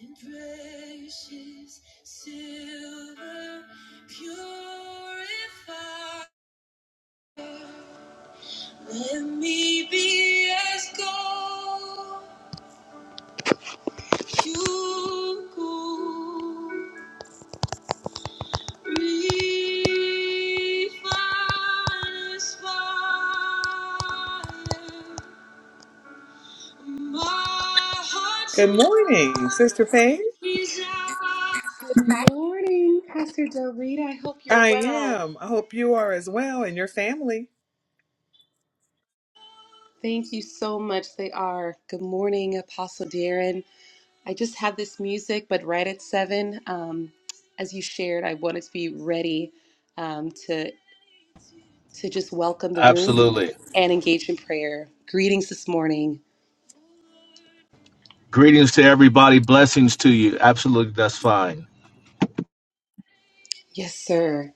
and precious silver purify. Let me be as gold you gold, refine as fire. Good morning, Sister Paige. Good morning, Pastor Del Reed. I hope you're I well. am. I hope you are as well and your family. Thank you so much. They are. Good morning, Apostle Darren. I just had this music, but right at seven, um, as you shared, I wanted to be ready um, to to just welcome the room Absolutely. and engage in prayer. Greetings this morning. Greetings to everybody. Blessings to you. Absolutely. That's fine. Yes, sir.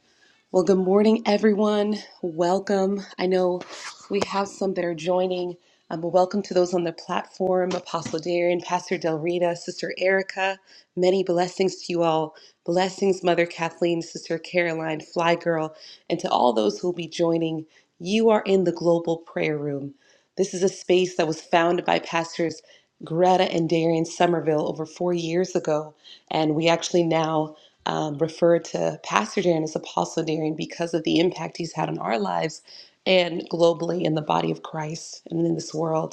Well, good morning, everyone. Welcome. I know we have some that are joining. Um, well, welcome to those on the platform Apostle Darren, Pastor Del Rita, Sister Erica. Many blessings to you all. Blessings, Mother Kathleen, Sister Caroline, Fly Girl, and to all those who will be joining. You are in the Global Prayer Room. This is a space that was founded by pastors Greta and Darian Somerville over four years ago. And we actually now um, refer to Pastor Darren as Apostle Darren because of the impact he's had on our lives and globally in the body of Christ and in this world.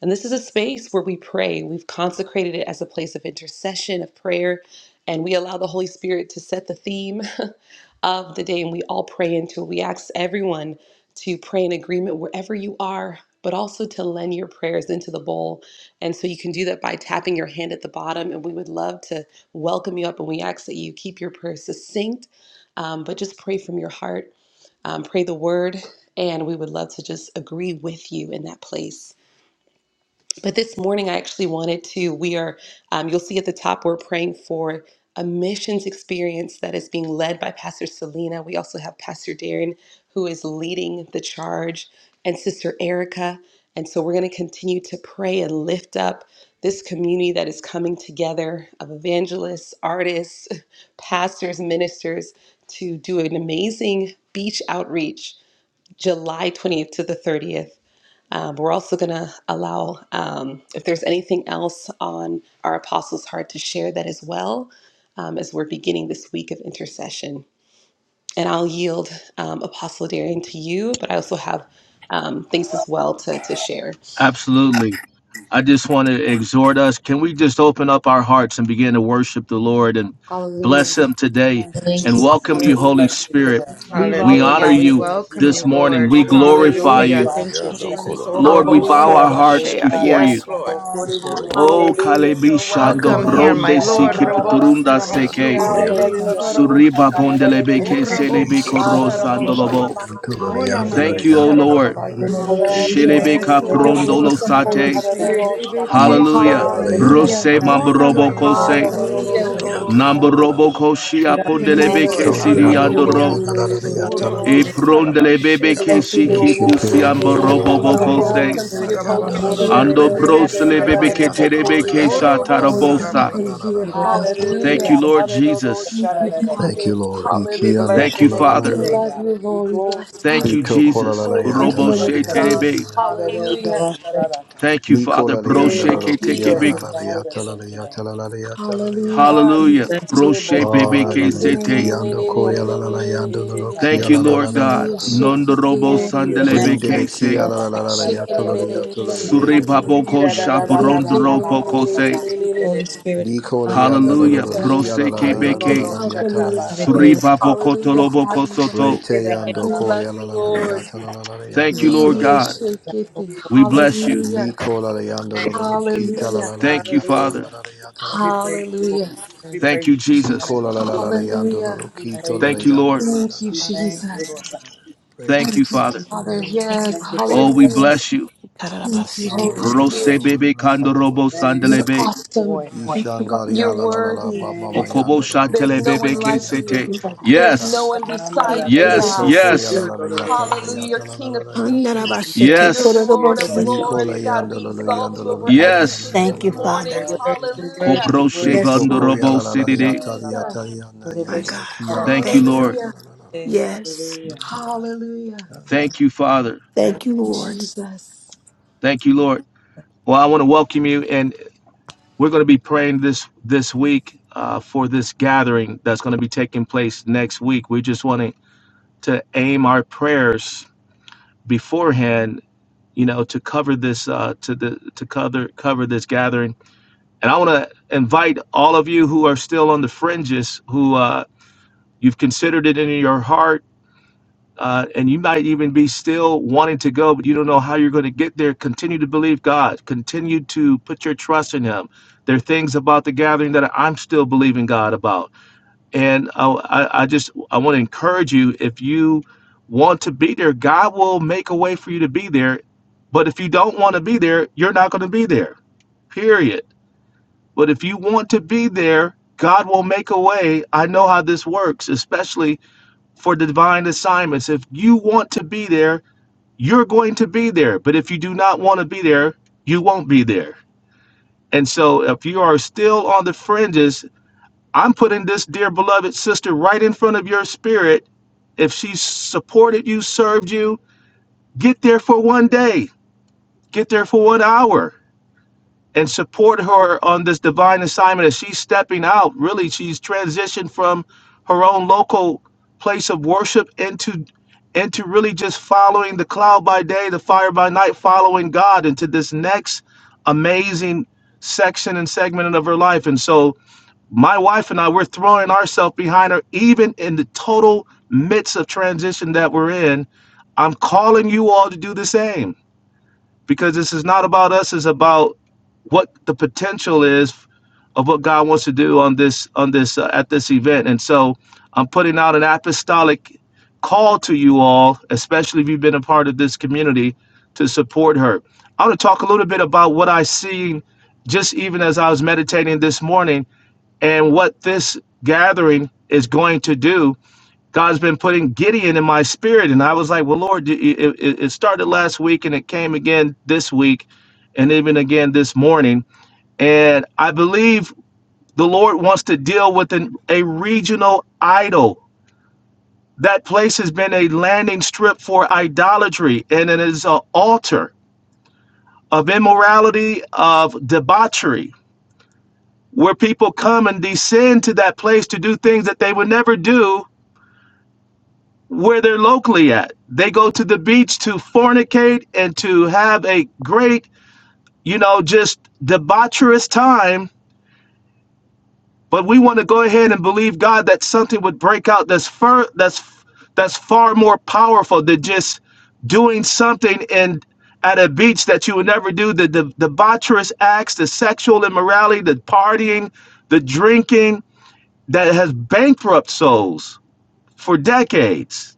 And this is a space where we pray. We've consecrated it as a place of intercession, of prayer, and we allow the Holy Spirit to set the theme of the day. And we all pray into it. We ask everyone to pray in agreement wherever you are, but also to lend your prayers into the bowl. And so you can do that by tapping your hand at the bottom. And we would love to welcome you up. And we ask that you keep your prayers succinct, um, but just pray from your heart, um, pray the word. And we would love to just agree with you in that place. But this morning, I actually wanted to. We are, um, you'll see at the top, we're praying for a missions experience that is being led by Pastor Selena. We also have Pastor Darren, who is leading the charge, and Sister Erica. And so we're going to continue to pray and lift up this community that is coming together of evangelists, artists, pastors, ministers to do an amazing beach outreach July 20th to the 30th. Um, we're also going to allow, um, if there's anything else on our Apostles' Heart, to share that as well um, as we're beginning this week of intercession. And I'll yield um, Apostle Darian to you, but I also have um, things as well to, to share. Absolutely. I just want to exhort us. Can we just open up our hearts and begin to worship the Lord and bless Him today Thank you, Thank and you. Jesus. We welcome you, just Holy bless you Spirit? today. We We welcome honor Hallelujah. We you Hallelujah. We welcome this you, love you. Lord. morning. We Hallelujah. We glorify Hallelujah. you. exalt Thank you you, you Yando today. morning. Jesus. kola la Oh, la Father la. Lord, we Robo bow Hallelujah. our Hallelujah. Oh, hearts Sarabashea. cha, before cha, Yes, you. cha. Lord. Oh, God. kore, de, Before de, you. de, de. Oh, Hallelujah. Kalebi You're Han, to, Shando Iko welcome ro, here, ro, Bronde yando my sha, ra, kola ra, Lord. ra, Siki la la ra, la ra, la Robo ra. la Piturunda la. Yando Seke Sarabashea. Hallelujah, Jesus. De, We koya la me, receive yeah, Rebe no, cool, yeah, de, la some ro, la Hallelujah. ro, la ro, la la. sha, Suriba cha, Sarabose. ra, ra, ra, ra. ra. love Oh, Bondelebeke our Robo Selebe Isho Son, Ah, our Koro ro, kola ro, la la ro, sha, la la. Savior. Sarababai. ma, Sandolobo. ma, ma, Yanto la ka, la Oh, ye, de, yando de, la la Namai Thank you, de. O Lord. Sarababai. We will We look to yando la la bless you, Hallelujah. la your la la yanto Yes, la la la Shilibika la la. name good oh, now You're Father. Robo today. prondolo Shita welcome, la. Holy sate. Sarabashea. Hallelujah. Spirit. Hallelujah, Rebe Shabbat, Iko la la Hallelujah. la la Sarabai. There's yanto no hallelujah. Rose la Hallelujah. la la la Oh, yanto la mambrobo la Namai la for kose. yando us. la la Sarabai. la We la Hallelujah. will la Hallelujah, yanto la Sarabose. la la la Shandalia. Nambrobo la la. koshi get Yes, Thank apondelebe you. Lord. ke Ito We la sidi Hallelujah, yando kola Hallelujah. la andoro. la Namamama, la la la shout yanto out, la hallelujah, Orobo E la thank la la la. Shabbat. you. saraba We prondelebeke ke You're sheraba bless you, ki. O shiki Lord, pusi today, take it, Oh, amborobo Come, Holy bokose. Orobo Shabbat. welcome here, Spirit, saraba Holy come. baba Hey, they Ora de wish Spirit. de Ando de us de, that sherebebe ke de de broselebeke good de sarabai. ke de, for terebe bokori, de ke de you. de, Orobo You're bokoya. shatarabosa. welcome sarabai. here. We will look to you, Thank good Hallelujah. you, Hallelujah, Lord hallelujah, Jesus. Thank Father. you, Shandalia. Thank Father. you, Lord. We Iki ando Hallelujah. bless Thank your you, la name la We Father. la la today, la. love God. you, We Lord. We bless glorify Thank you. you, you. Prito kola Jesus. la la We We give invite yata you you la Korobo in la la this praise she and yata la honor. la terebe. place. yata la la Hallelujah. Hallelujah. You Hallelujah. yata. are Thank Shadaraka. Thank you, Nico Father. la la Thank yanda Broshe lo you, Yeah, lo ke lead kia la us tekebe. la Jesus. la and la guide yata you. us la on la today, yata la la la God. yata la la yata. Hallelujah. Ah, yeah, Thank Hallelujah. you, Bless you. yeah, Father. Broshe Bless Bosha. bebe Lord, we Rabba ke need Hallelujah. Baba you. Ki sete. Basi Lord, koya we la Tekereba, la la need you. yanda We lo lo take up our you. kia Thank you, la la Rebe la Lord voice, la God. la Shete God. la la la. la. Kerebasa, Nondorobo Thank you, Bless Holy Bring de le sandelebeke Spirit. kia se la la la you. la la Hadaraka, ya to lo Thank lo ya to lo dadadadadosha. lo you, ya Father. do Rebe lo lo lo Shaking suribaboko Shete kia to lo ya do Kerebasa. lo lo lo lo lo shaporondoroboko ya se. Dee-da-da-da-da-da-da-da-ba-ba-ba-ba-ba. ta. Holy Dee-da-da-da-da. Spirit, Bi ko come. le ya do lo lo Hallelujah. lo Hallelujah. Mm, kia la la ha, la No, ya no, ta You're la Prosekebeke no, la la ya welcome ta in la shaka, la ba, this ya Have ba. ta it la your la la way. place. ya suribaboko ta. Hallelujah. Have toloboko your Re way. soto. te ya do We ko love ya la you, la la la ya Lord. ta la la la la ya Thank ta you, la la Lord la la Media la God. Dee-da-da-da-da-da. la ya shake ta la. it. thee. We bless you. Hallelujah. Mi la la ya do lo Thank lo you, lo ki la Hallelujah. la Jesus. la la Thank you, ya ta la la Father. Hallelujah. la la ya ta la We la la la praise la. you, Hallelujah. Lord. We Thank praise you, you. She Jesus. la la la Hallelujah. la la ya do lo Hallelujah. lo We ki la praise la you. Thank you, ya do Lord. la la la Thank la you, We la la ya thank ta you, la Lord la Jesus. God. la la. Re Thank Thank you, you, ya do Father. ko Father. ya la Mhm. la la Thank you, Yes. Thank Lord. you for your Oh, la. we Hallelujah. presence. bless you. Thank Bless the you, Kararabasite, Thank Holy Lord, you, Lord. bless God. the Spirit. Lord, Rosebebe bless the Lord, kandorobo bless the Thank You're you Lord. for sandelebe. awesome. your joy, God. Thank you, Lord. Ishangari la You're la la la worthy. ba mama Thank you. Okobo yanda Lord. la la ko There's ya no la one shatelebebe la la like kese yanda you. Thank la te. la you, Lord. la There's kita. no Yes. one Mama, beside da, da, Thank you, you, da, Lord. da. Yes. Brito God. ko ya la Yes. Sita. la la Do, do, do, yata la ma, la sa, Hallelujah. da, You're yata la da. la King la of la yata. Kings. Yes, Handarabashite, You're Yes. we Lord of exalt Kororobosiki. you. We Nikola Lords. God, exalt yanda we la you. la exalt yanda you la Hallelujah. la over la yanda la Yes. la everything la Thank this you, la la We la la morning. la Father. la exalt yata. you. Hallelujah. Kopro Yes, Prito ko Lord. ya shebandorobo la Thank la la you, sidide. yata la yata la Jesus. yanda My yanda la God. ku ya la la Thank la you, Thank la you. Lord. yata Hallelujah. la la la la la. Yes. Hallelujah. Yuta la la la Hallelujah. yanda. Thank you, Father. Thank you, Thank you, Lord. Jesus. Thank you, Lord. Well, I want to welcome you, and we're going to be praying this this week uh, for this gathering that's going to be taking place next week. We just want to to aim our prayers beforehand, you know, to cover this uh, to the to cover cover this gathering. And I want to invite all of you who are still on the fringes, who uh, you've considered it in your heart uh, and you might even be still wanting to go, but you don't know how you're going to get there. Continue to believe God. Continue to put your trust in Him. There are things about the gathering that I'm still believing God about, and I, I, I just I want to encourage you. If you want to be there, God will make a way for you to be there. But if you don't want to be there, you're not going to be there. Period. But if you want to be there, God will make a way. I know how this works, especially for divine assignments. If you want to be there, you're going to be there. But if you do not want to be there, you won't be there. And so if you are still on the fringes, I'm putting this dear beloved sister right in front of your spirit. If she supported you, served you, get there for one day, get there for one hour. and support her on this divine assignment as she's stepping out. Really, she's transitioned from her own local place of worship into into really just following the cloud by day, the fire by night, following God into this next amazing section and segment of her life. And so my wife and I we're throwing ourselves behind her even in the total midst of transition that we're in. I'm calling you all to do the same because this is not about us, it's about what the potential is of what God wants to do on this on this uh, at this event. And so I'm putting out an apostolic call to you all, especially if you've been a part of this community, to support her. I want to talk a little bit about what I seen just even as I was meditating this morning and what this gathering is going to do. God's been putting Gideon in my spirit, and I was like, "Well, Lord, it, it it started last week, and it came again this week, and even again this morning." And I believe the Lord wants to deal with an, a regional idol. That place has been a landing strip for idolatry, and it is an altar of immorality, of debauchery, where people come and descend to that place to do things that they would never do where they're locally at. They go to the beach to fornicate and to have a great, you know, just debaucherous time But we want to go ahead and believe God that something would break out that's far that's that's far more powerful than just doing something in at a beach that you would never do the, the debaucherous acts, the sexual immorality, the partying, the drinking that has bankrupt souls for decades.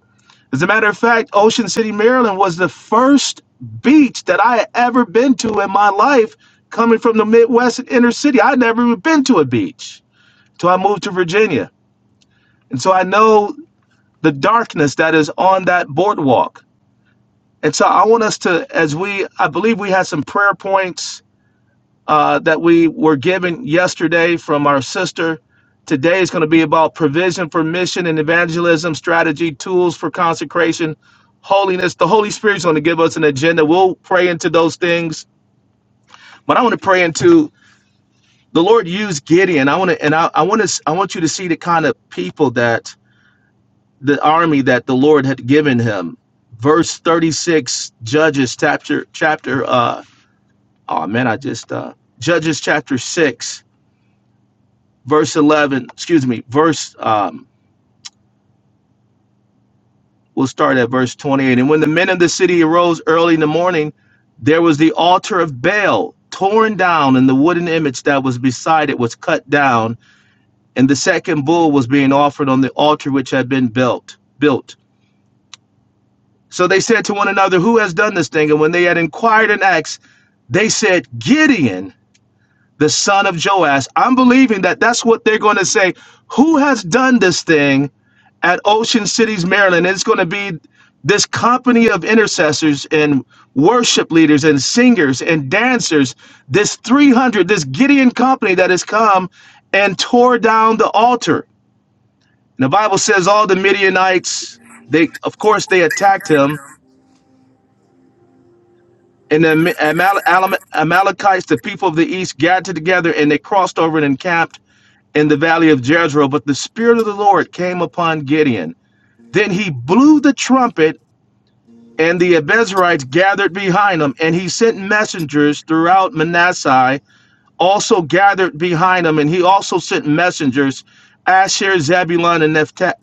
As a matter of fact, Ocean City, Maryland was the first beach that I had ever been to in my life coming from the Midwest and inner city. I'd never even been to a beach. So I moved to Virginia. And so I know the darkness that is on that boardwalk. And so I want us to, as we, I believe we had some prayer points uh, that we were given yesterday from our sister. Today is going to be about provision for mission and evangelism, strategy, tools for consecration, holiness. The Holy Spirit's going to give us an agenda. We'll pray into those things, but I want to pray into the Lord used Gideon. I want to, and I, I want to, I want you to see the kind of people that the army that the Lord had given him. Verse 36, Judges chapter chapter uh oh man, I just uh Judges chapter 6, verse 11, excuse me, verse um we'll start at verse 28. And when the men of the city arose early in the morning, there was the altar of Baal torn down and the wooden image that was beside it was cut down and the second bull was being offered on the altar which had been built built So they said to one another, Who has done this thing? And when they had inquired and asked, they said, Gideon, the son of Joash. I'm believing that that's what they're going to say. Who has done this thing at Ocean Cities, Maryland? And It's going to be this company of intercessors and worship leaders and singers and dancers, this 300, this Gideon company that has come and tore down the altar. And the Bible says all the Midianites, they, of course, they attacked him And the Amal- Alam- Amalekites, the people of the east, gathered together and they crossed over and encamped in the valley of Jezreel. But the Spirit of the Lord came upon Gideon. Then he blew the trumpet, and the Abiezrites gathered behind him. And he sent messengers throughout Manasseh also gathered behind him, and he also sent messengers, Asher, Zebulun, and Nephtha-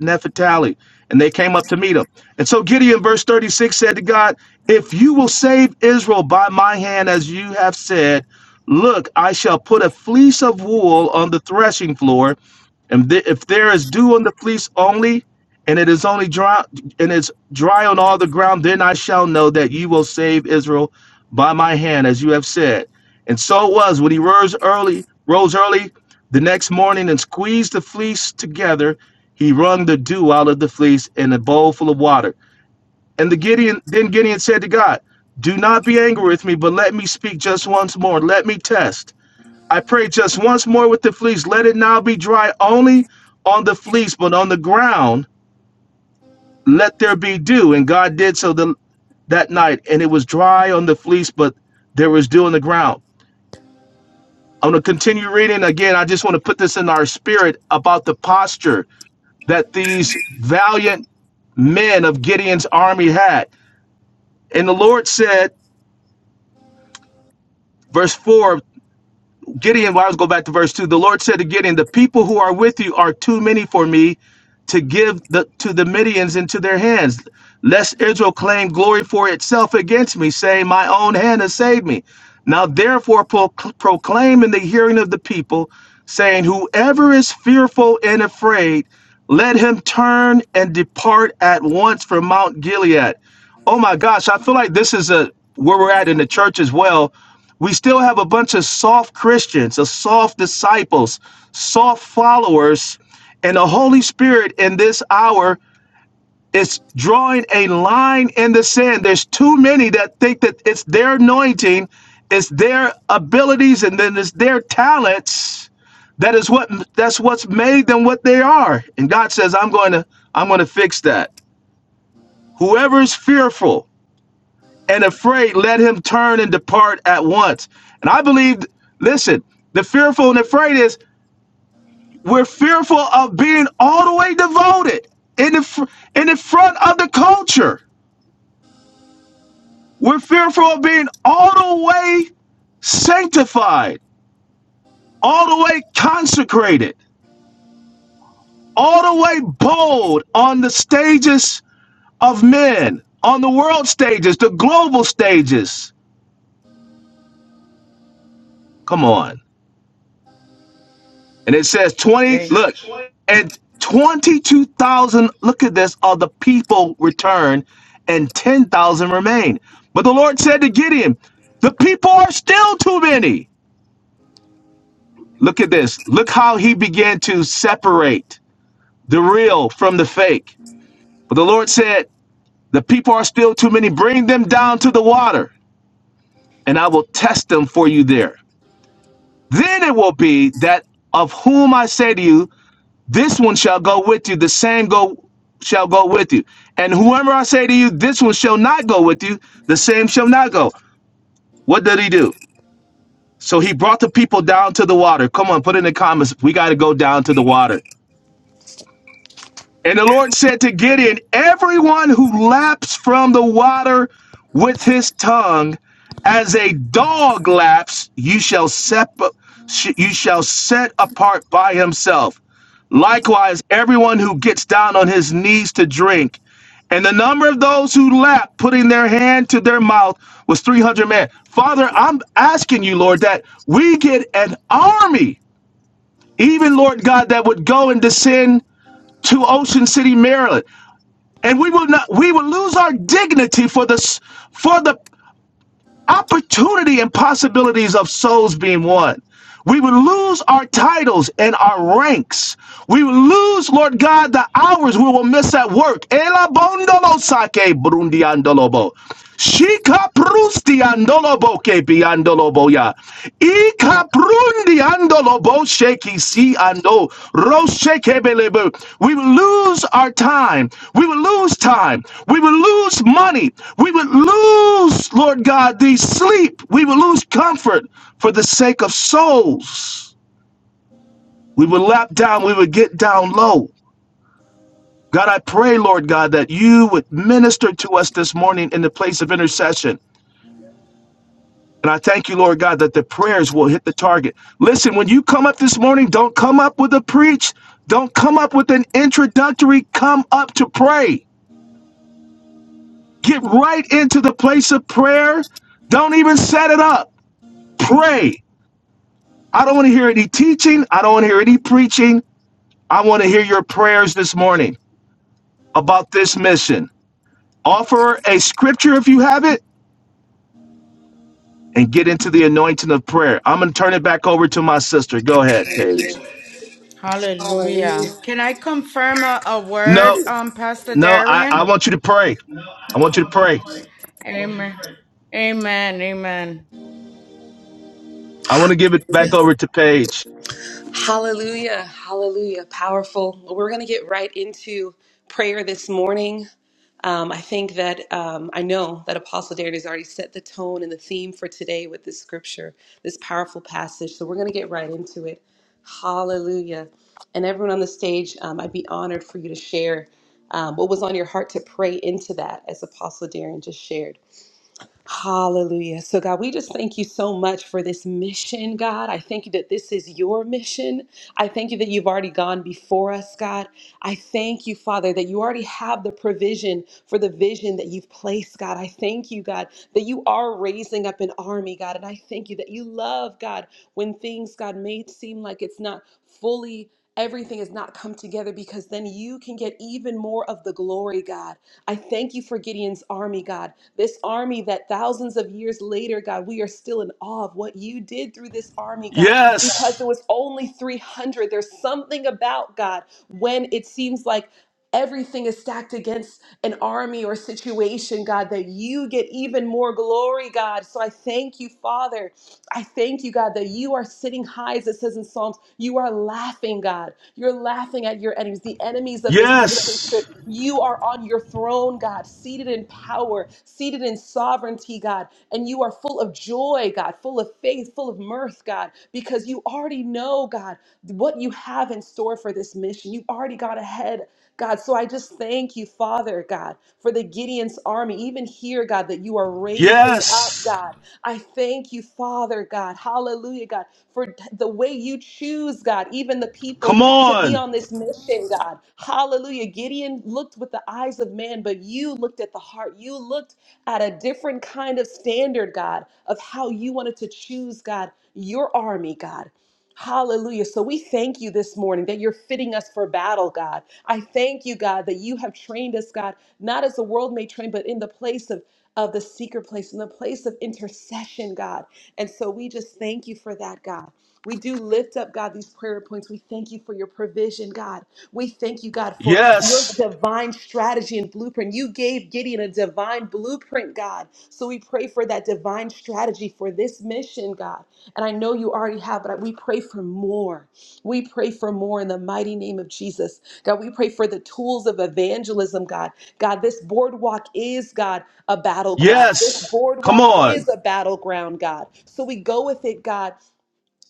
and they came up to meet him. And so Gideon, verse 36, said to God, If you will save Israel by my hand, as you have said, look, I shall put a fleece of wool on the threshing floor, and th- if there is dew on the fleece only, and it is only dry, and it's dry on all the ground, then I shall know that you will save Israel by my hand, as you have said. And so it was when he rose early, rose early the next morning and squeezed the fleece together, he wrung the dew out of the fleece in a bowl full of water. And the Gideon then Gideon said to God, Do not be angry with me, but let me speak just once more. Let me test. I pray just once more with the fleece. Let it now be dry only on the fleece, but on the ground let there be dew. And God did so the, that night, and it was dry on the fleece, but there was dew on the ground. I'm going to continue reading. Again, I just want to put this in our spirit about the posture that these valiant men of Gideon's army had. And the Lord said, verse 4 Gideon, well, I was go back to verse two. The Lord said to Gideon, "The people who are with you are too many for me to give the to the Midians into their hands, lest Israel claim glory for itself against me, saying, My own hand has saved me." Now, therefore, pro- proclaim in the hearing of the people, saying, Whoever is fearful and afraid, let him turn and depart at once from Mount Gilead. Oh my gosh, I feel like this is a where we're at in the church as well we still have a bunch of soft Christians, of soft disciples, soft followers, and the Holy Spirit in this hour is drawing a line in the sand. There's too many that think that it's their anointing, it's their abilities, and then it's their talents. That is what that's what's made them what they are. And God says, I'm going to I'm going to fix that. Whoever is fearful, and afraid, let him turn and depart at once. And I believe, listen, the fearful and afraid is we're fearful of being all the way devoted in the fr- in the front of the culture. We're fearful of being all the way sanctified, all the way consecrated, all the way bold on the stages of men, on the world stages, the global stages. Come on. And it says 20, look, and 22,000, look at this, of the people returned, and 10,000 remained. But the Lord said to Gideon, The people are still too many. Look at this. Look how he began to separate the real from the fake. But the Lord said, The people are still too many. Bring them down to the water, and I will test them for you there. Then it will be that of whom I say to you, This one shall go with you, the same go shall go with you. And whoever I say to you, this one shall not go with you, the same shall not go. What did he do? So he brought the people down to the water. Come on, put in the comments. We got to go down to the water. And the Lord said to Gideon, Everyone who laps from the water with his tongue, as a dog laps, you shall sep- you shall set apart by himself. Likewise, everyone who gets down on his knees to drink. And the number of those who lapped, putting their hand to their mouth, was 300 men. Father, I'm asking you, Lord, that we get an army, even, Lord God, that would go and descend to Ocean City, Maryland. And we will not, we will lose our dignity for this, for the opportunity and possibilities of souls being won. We would lose our titles and our ranks. We would lose, Lord God, the hours we will miss at work. Ela bondolo sake brundiandolobo. Shika prustiandolobo ke biandolobo ya. Ika prundi Andolobo sheki si ando roshekebelebe. We will lose our time. We will lose time. We will lose money. We will lose, Lord God, the sleep. We will lose comfort for the sake of souls. We will lap down. We will get down low. God, I pray, Lord God, that you would minister to us this morning in the place of intercession. And I thank you, Lord God, that the prayers will hit the target. Listen, when you come up this morning, don't come up with a preach. Don't come up with an introductory. Come up to pray. Get right into the place of prayer. Don't even set it up. Pray. I don't want to hear any teaching. I don't want to hear any preaching. I want to hear your prayers this morning about this mission. Offer a scripture if you have it and get into the anointing of prayer. I'm going to turn it back over to my sister. Go ahead, Paige. Hallelujah. Hallelujah. Can I confirm a, a No. word, um, Pastor No, I, Darian? I want you to pray. I want you to pray. Amen. Amen. Amen. I want to give it back over to Paige. Hallelujah. Hallelujah. Powerful. Well, We're going to get right into prayer this morning. Um, I think that um, I know that Apostle Darren has already set the tone and the theme for today with this scripture, this powerful passage. So we're going to get right into it. Hallelujah. And everyone on the stage, um, I'd be honored for you to share um, what was on your heart to pray into that, as Apostle Darren just shared. Hallelujah. So, God, we just thank you so much for this mission, God. I thank you that this is your mission. I thank you that you've already gone before us, God. I thank you, Father, that you already have the provision for the vision that you've placed, God. I thank you, God, that you are raising up an army, God. And I thank you that you love, God, when things, God, may seem like it's not fully. Everything has not come together because then you can get even more of the glory, God. I thank you for Gideon's army, God. This army that thousands of years later, God, we are still in awe of what you did through this army, God, because it Yes. was only 300. There's something about God when it seems like everything is stacked against an army or situation, God, that you get even more glory, God. So I thank you, Father, I thank you, God, that you are sitting high, as it says in Psalms. You are laughing, God. You're laughing at your enemies, the enemies of this mission Yes. trip. You are on your throne, God, seated in power, seated in sovereignty, God. And you are full of joy, God, full of faith, full of mirth, God, because you already know, God, what you have in store for this mission. You've already got ahead. God, so I just thank you, Father, God, for the Gideon's army, even here, God, that you are raising up, Yes. God. I thank you, Father God. Hallelujah, God, for the way you choose, God, even the Come people to be on. on this mission, God. Hallelujah. Gideon looked with the eyes of man, but you looked at the heart. You looked at a different kind of standard, God, of how you wanted to choose, God, your army, God. Hallelujah. So we thank you this morning that you're fitting us for battle, God. I thank you, God, that you have trained us, God, not as the world may train, but in the place of of the secret place and the place of intercession, God. And so we just thank you for that, God. We do lift up, God, these prayer points. We thank you for your provision, God. We thank you, God, for your Yes. divine strategy and blueprint. You gave Gideon a divine blueprint, God. So we pray for that divine strategy for this mission, God. And I know you already have, but we pray for more. We pray for more in the mighty name of Jesus. God, we pray for the tools of evangelism, God. God, this boardwalk is, God a battleground. This Yes. Come boardwalk on. is a battleground, God. So we go with it, God,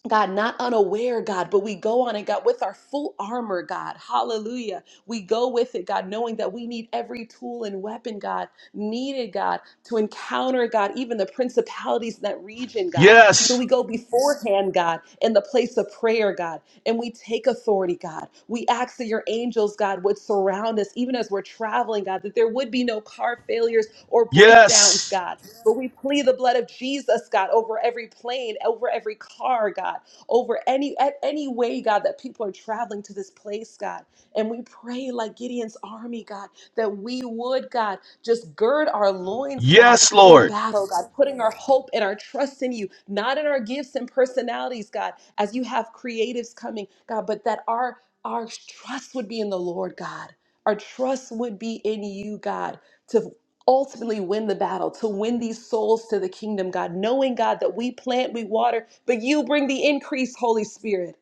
God, not unaware, God, but we go on it, God, with our full armor, God. Hallelujah. We go with it, God, knowing that we need every tool and weapon, God, needed, God, to encounter, God, even the principalities in that region, God. So Yes. we go beforehand, God, in the place of prayer, God, and we take authority, God. We ask that your angels, God, would surround us, even as we're traveling, God, that there would be no car failures or breakdowns, Yes. God. But we plead the blood of Jesus, God, over every plane, over every car, God, over any at any way, God, that people are traveling to this place, God. And we pray like Gideon's army, God, that we would, God, just gird our loins, God, Yes, for Lord. battle, God, putting our hope and our trust in you, not in our gifts and personalities, God, as you have creatives coming, God, but that our our trust would be in the Lord, God. Our trust would be in you, God to ultimately win the battle, to win these souls to the kingdom, God, knowing, God, that we plant, we water, but you bring the increase, Holy Spirit.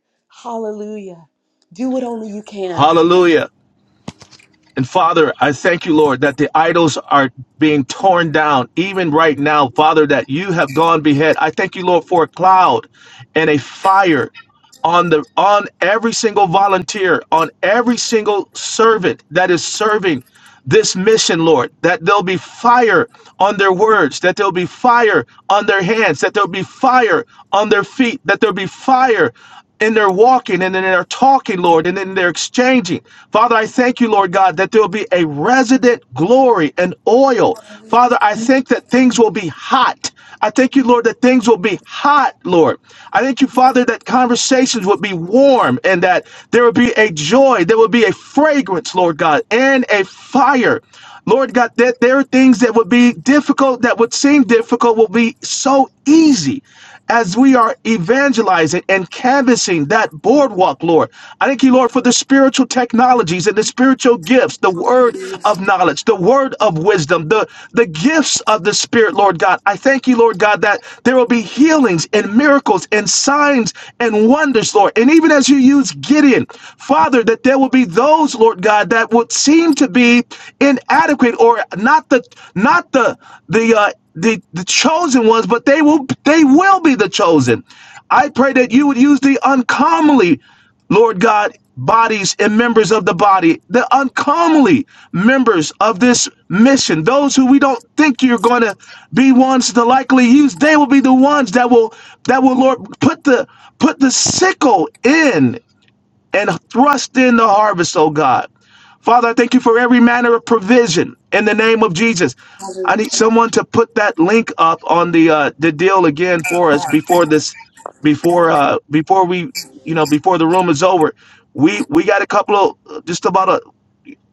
Hallelujah. Do what only you can. Hallelujah. And Father, I thank you, Lord, that the idols are being torn down even right now, Father, that you have gone behead. I thank you, Lord, for a cloud and a fire on the on every single volunteer on every single servant that is serving this mission lord that there'll be fire on their words that there'll be fire on their hands that there'll be fire on their feet that there'll be fire in their walking and in their talking lord and in their exchanging father i thank you lord god that there'll be a resident glory and oil oil. Father, I think that things will be hot. I thank you, Lord, that things will be hot, Lord. I thank you, Father, that conversations would be warm and that there would be a joy, there would be a fragrance, Lord God, and a fire. Lord God, that there are things that would be difficult, that would seem difficult, will be so easy as we are evangelizing and canvassing that boardwalk, Lord. I thank you, Lord, for the spiritual technologies and the spiritual gifts, the word of knowledge, the word of wisdom, the, the gifts of the Spirit, Lord God. I thank you, Lord God, that there will be healings and miracles and signs and wonders, Lord. And even as you use Gideon, Father, that there will be those, Lord God, that would seem to be inadequate or not the not the the uh, the the chosen ones, but they will they will be the chosen. I pray that you would use the uncommonly, Lord God, bodies and members of the body, the uncommonly members of this mission, those who we don't think you're going to be ones to likely use, they will be the ones that will that will Lord put the put the sickle in and thrust in the harvest, oh God. Father, I thank you for every manner of provision in the name of Jesus. I Hallelujah. need someone to put that link up on the uh, the deal again for us before this before uh before we you know before the room is over. We we got a couple of just about a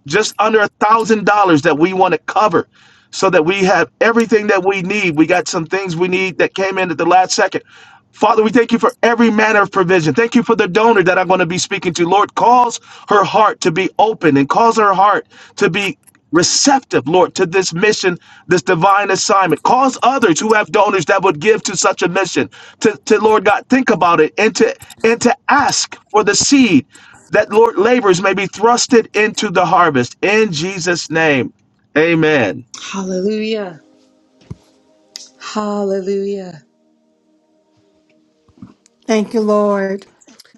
just under a thousand dollars that we want to cover so that we have everything that we need. We got some things we need that came in at the last second. Father, we thank you for every manner of provision. Thank you for the donor that I'm going to be speaking to. Lord, cause her heart to be open and cause her heart to be receptive, Lord, to this mission, this divine assignment. Cause others who have donors that would give to such a mission to, to Lord God, think about it and to and to ask for the seed that Lord labors may be thrusted into the harvest. In Jesus' name. Amen. Hallelujah. Yeah. Thank you, Lord.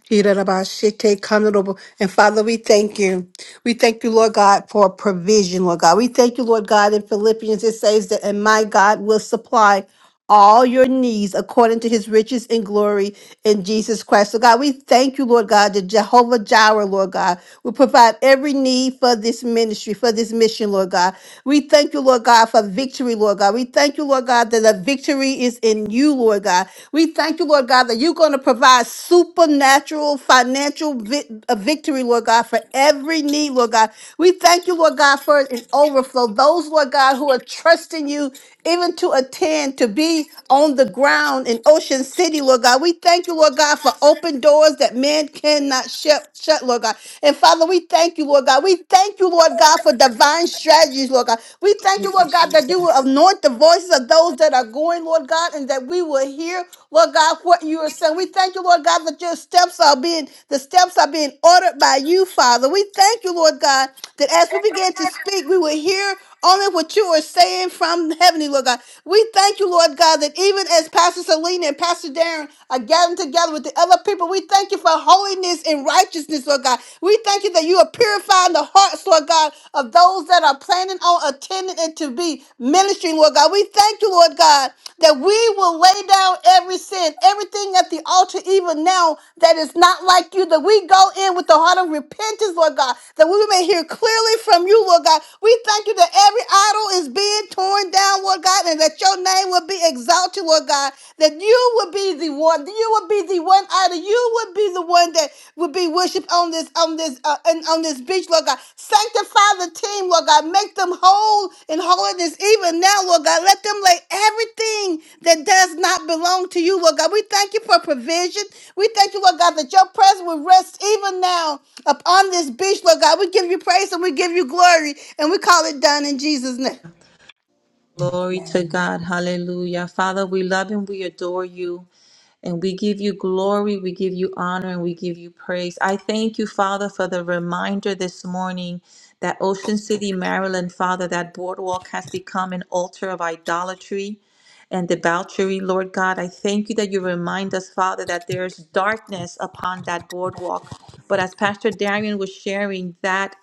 Irarabashite kanorobo. And Father, we thank you. We thank you, Lord God, for provision, Lord God. We thank you, Lord God, in Philippians it says that, and my God will supply all your needs according to his riches and glory in Jesus Christ. So God, we thank you, Lord God, that Jehovah Jireh, Lord God will provide every need for this ministry, for this mission, Lord God. We thank you, Lord God, for victory, Lord God. We thank you, Lord God, that the victory is in you, Lord God. We thank you, Lord God, that you're going to provide supernatural financial vi- uh, victory, Lord God, for every need, Lord God. We thank you, Lord God, for an overflow. Those, Lord God, who are trusting you even to attend, to be on the ground in Ocean City, Lord God. We thank you, Lord God, for open doors that man cannot shut, shut, Lord God. And Father, we thank you, Lord God. We thank you, Lord God, for divine strategies, Lord God. We thank you, Thank you, Lord God, that you Jesus. will anoint the voices of those that are going, Lord God, and that we will hear. Lord God, what you are saying. We thank you, Lord God, that your steps are being, the steps are being ordered by you, Father. We thank you, Lord God, that as we begin to speak, we will hear only what you are saying from heavenly, Lord God. We thank you, Lord God, that even as Pastor Selena and Pastor Darren are gathering together with the other people, we thank you for holiness and righteousness, Lord God. We thank you that you are purifying the hearts, Lord God, of those those that are planning on attending and to be ministering, Lord God. We thank you, Lord God, that we will lay down every sin, everything at the altar, even now that is not like you, that we go in with the heart of repentance, Lord God, that we may hear clearly from you, Lord God. We thank you that every idol is being torn down, Lord God, and that your name will be exalted, Lord God, that you will be the one, you will be the one only one out you would be the one that would be worshipped on this on this uh, and on this beach, Lord God. Sanctify the team, Lord God. Make them whole in holiness even now, Lord God. Let them lay everything that does not belong to you, Lord God. We thank you for provision. We thank you, Lord God, that your presence will rest even now upon this beach, Lord God. We give you praise and we give you glory, and we call it done in Jesus' name. Glory to God. Hallelujah. Father, we love and we adore you. And we give you glory, we give you honor, and we give you praise. I thank you, Father, for the reminder this morning that Ocean City, Maryland, Father, that boardwalk has become an altar of idolatry and debauchery, Lord God. I thank you that you remind us, Father, that there's darkness upon that boardwalk. But as Pastor Darian was sharing, that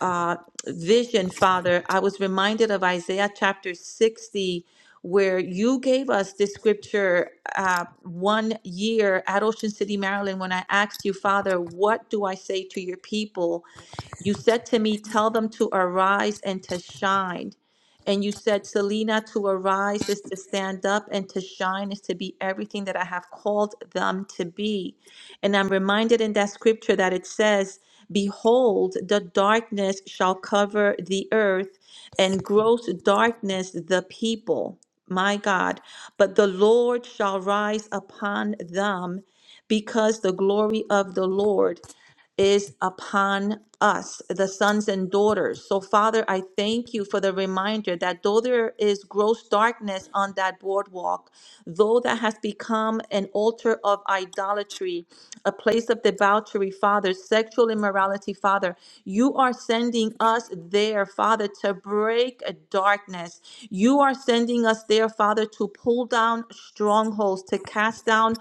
uh, vision, Father, I was reminded of Isaiah chapter 60, where you gave us this scripture uh, one year at Ocean City, Maryland, when I asked you, Father, what do I say to your people? You said to me, Tell them to arise and to shine. And you said, Selena, to arise is to stand up, and to shine is to be everything that I have called them to be. And I'm reminded in that scripture that it says, Behold, the darkness shall cover the earth, and gross darkness the people. My God, but the Lord shall rise upon them because the glory of the Lord is upon us, the sons and daughters. So, Father, I thank you for the reminder that though there is gross darkness on that boardwalk, though that has become an altar of idolatry, a place of debauchery, Father, sexual immorality, Father, you are sending us there, Father, to break darkness. You are sending us there, Father, to pull down strongholds, to cast down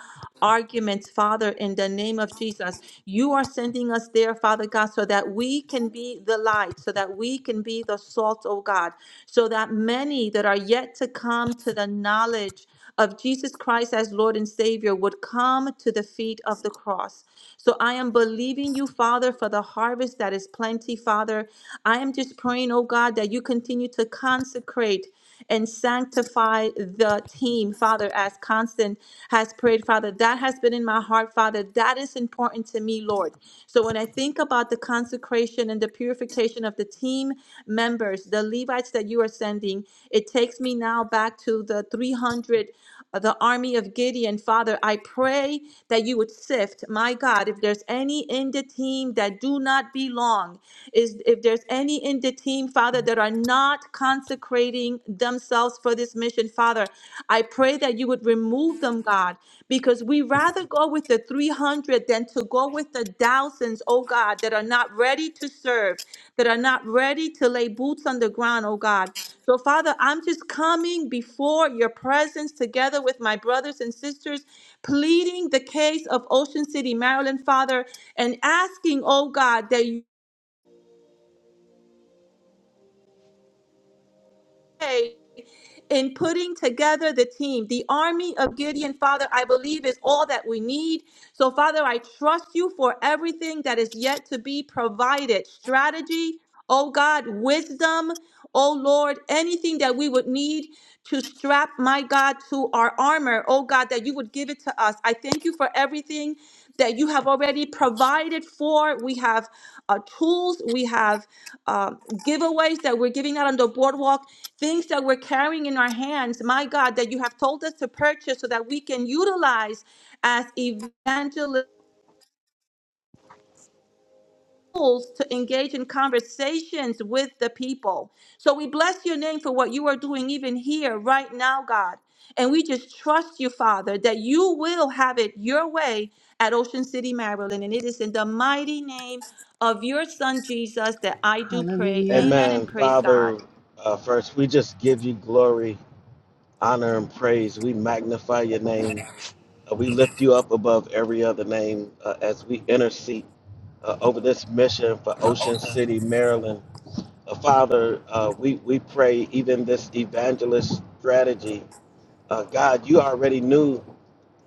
arguments, Father, in the name of Jesus. You are sending us there, Father God, so that we can be the light, so that we can be the salt, oh God, so that many that are yet to come to the knowledge of Jesus Christ as Lord and Savior would come to the feet of the cross. So I am believing you, Father, for the harvest that is plenty, Father. I am just praying, oh God, that you continue to consecrate and sanctify the team, Father, as Constant has prayed, Father. That has been in my heart, Father. That is important to me, Lord. So when I think about the consecration and the purification of the team members, the Levites that you are sending, it takes me now back to the 300 the army of Gideon. Father, I pray that you would sift, my God, if there's any in the team that do not belong, is if there's any in the team, Father, that are not consecrating themselves for this mission, Father, I pray that you would remove them, God, because we rather go with the 300 than to go with the thousands, oh God, that are not ready to serve, that are not ready to lay boots on the ground, oh God. So, Father, I'm just coming before your presence together with my brothers and sisters, pleading the case of Ocean City, Maryland, Father, and asking, oh God, that you. in putting together the team. The army of Gideon, Father, I believe is all that we need. So, Father, I trust you for everything that is yet to be provided strategy, oh God, wisdom, oh Lord, anything that we would need to strap, my God, to our armor, oh God, that you would give it to us. I thank you for everything that you have already provided for. We have uh, tools, we have uh, giveaways that we're giving out on the boardwalk things that we're carrying in our hands, my God, that you have told us to purchase so that we can utilize as evangelist tools to engage in conversations with the people. So we bless your name for what you are doing even here right now, God. And we just trust you, Father, that you will have it your way at Ocean City, Maryland. And it is in the mighty name of your son Jesus that I do pray. Amen Amen. and praise God. Father, uh, first, we just give you glory, honor, and praise. We magnify your name. Uh, we lift you up above every other name uh, as we intercede uh, over this mission for Ocean City, Maryland. Uh, Father, uh, we, we pray even this evangelist strategy. Uh, God, you already knew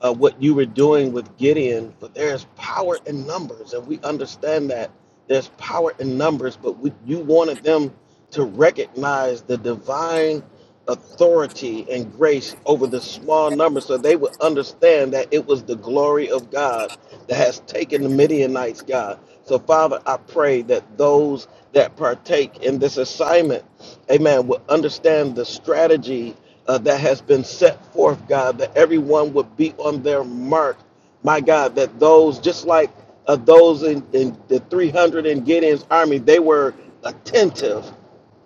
uh, what you were doing with Gideon, but there's power in numbers, and we understand that there's power in numbers. But we, you wanted them to recognize the divine authority and grace over the small number, so they would understand that it was the glory of God that has taken the Midianites, God. So, Father, I pray that those that partake in this assignment, Amen, will understand the strategy uh, that has been set forth, God, that everyone would be on their mark. My God, that those, just like uh, those in, in the 300 in Gideon's army, they were attentive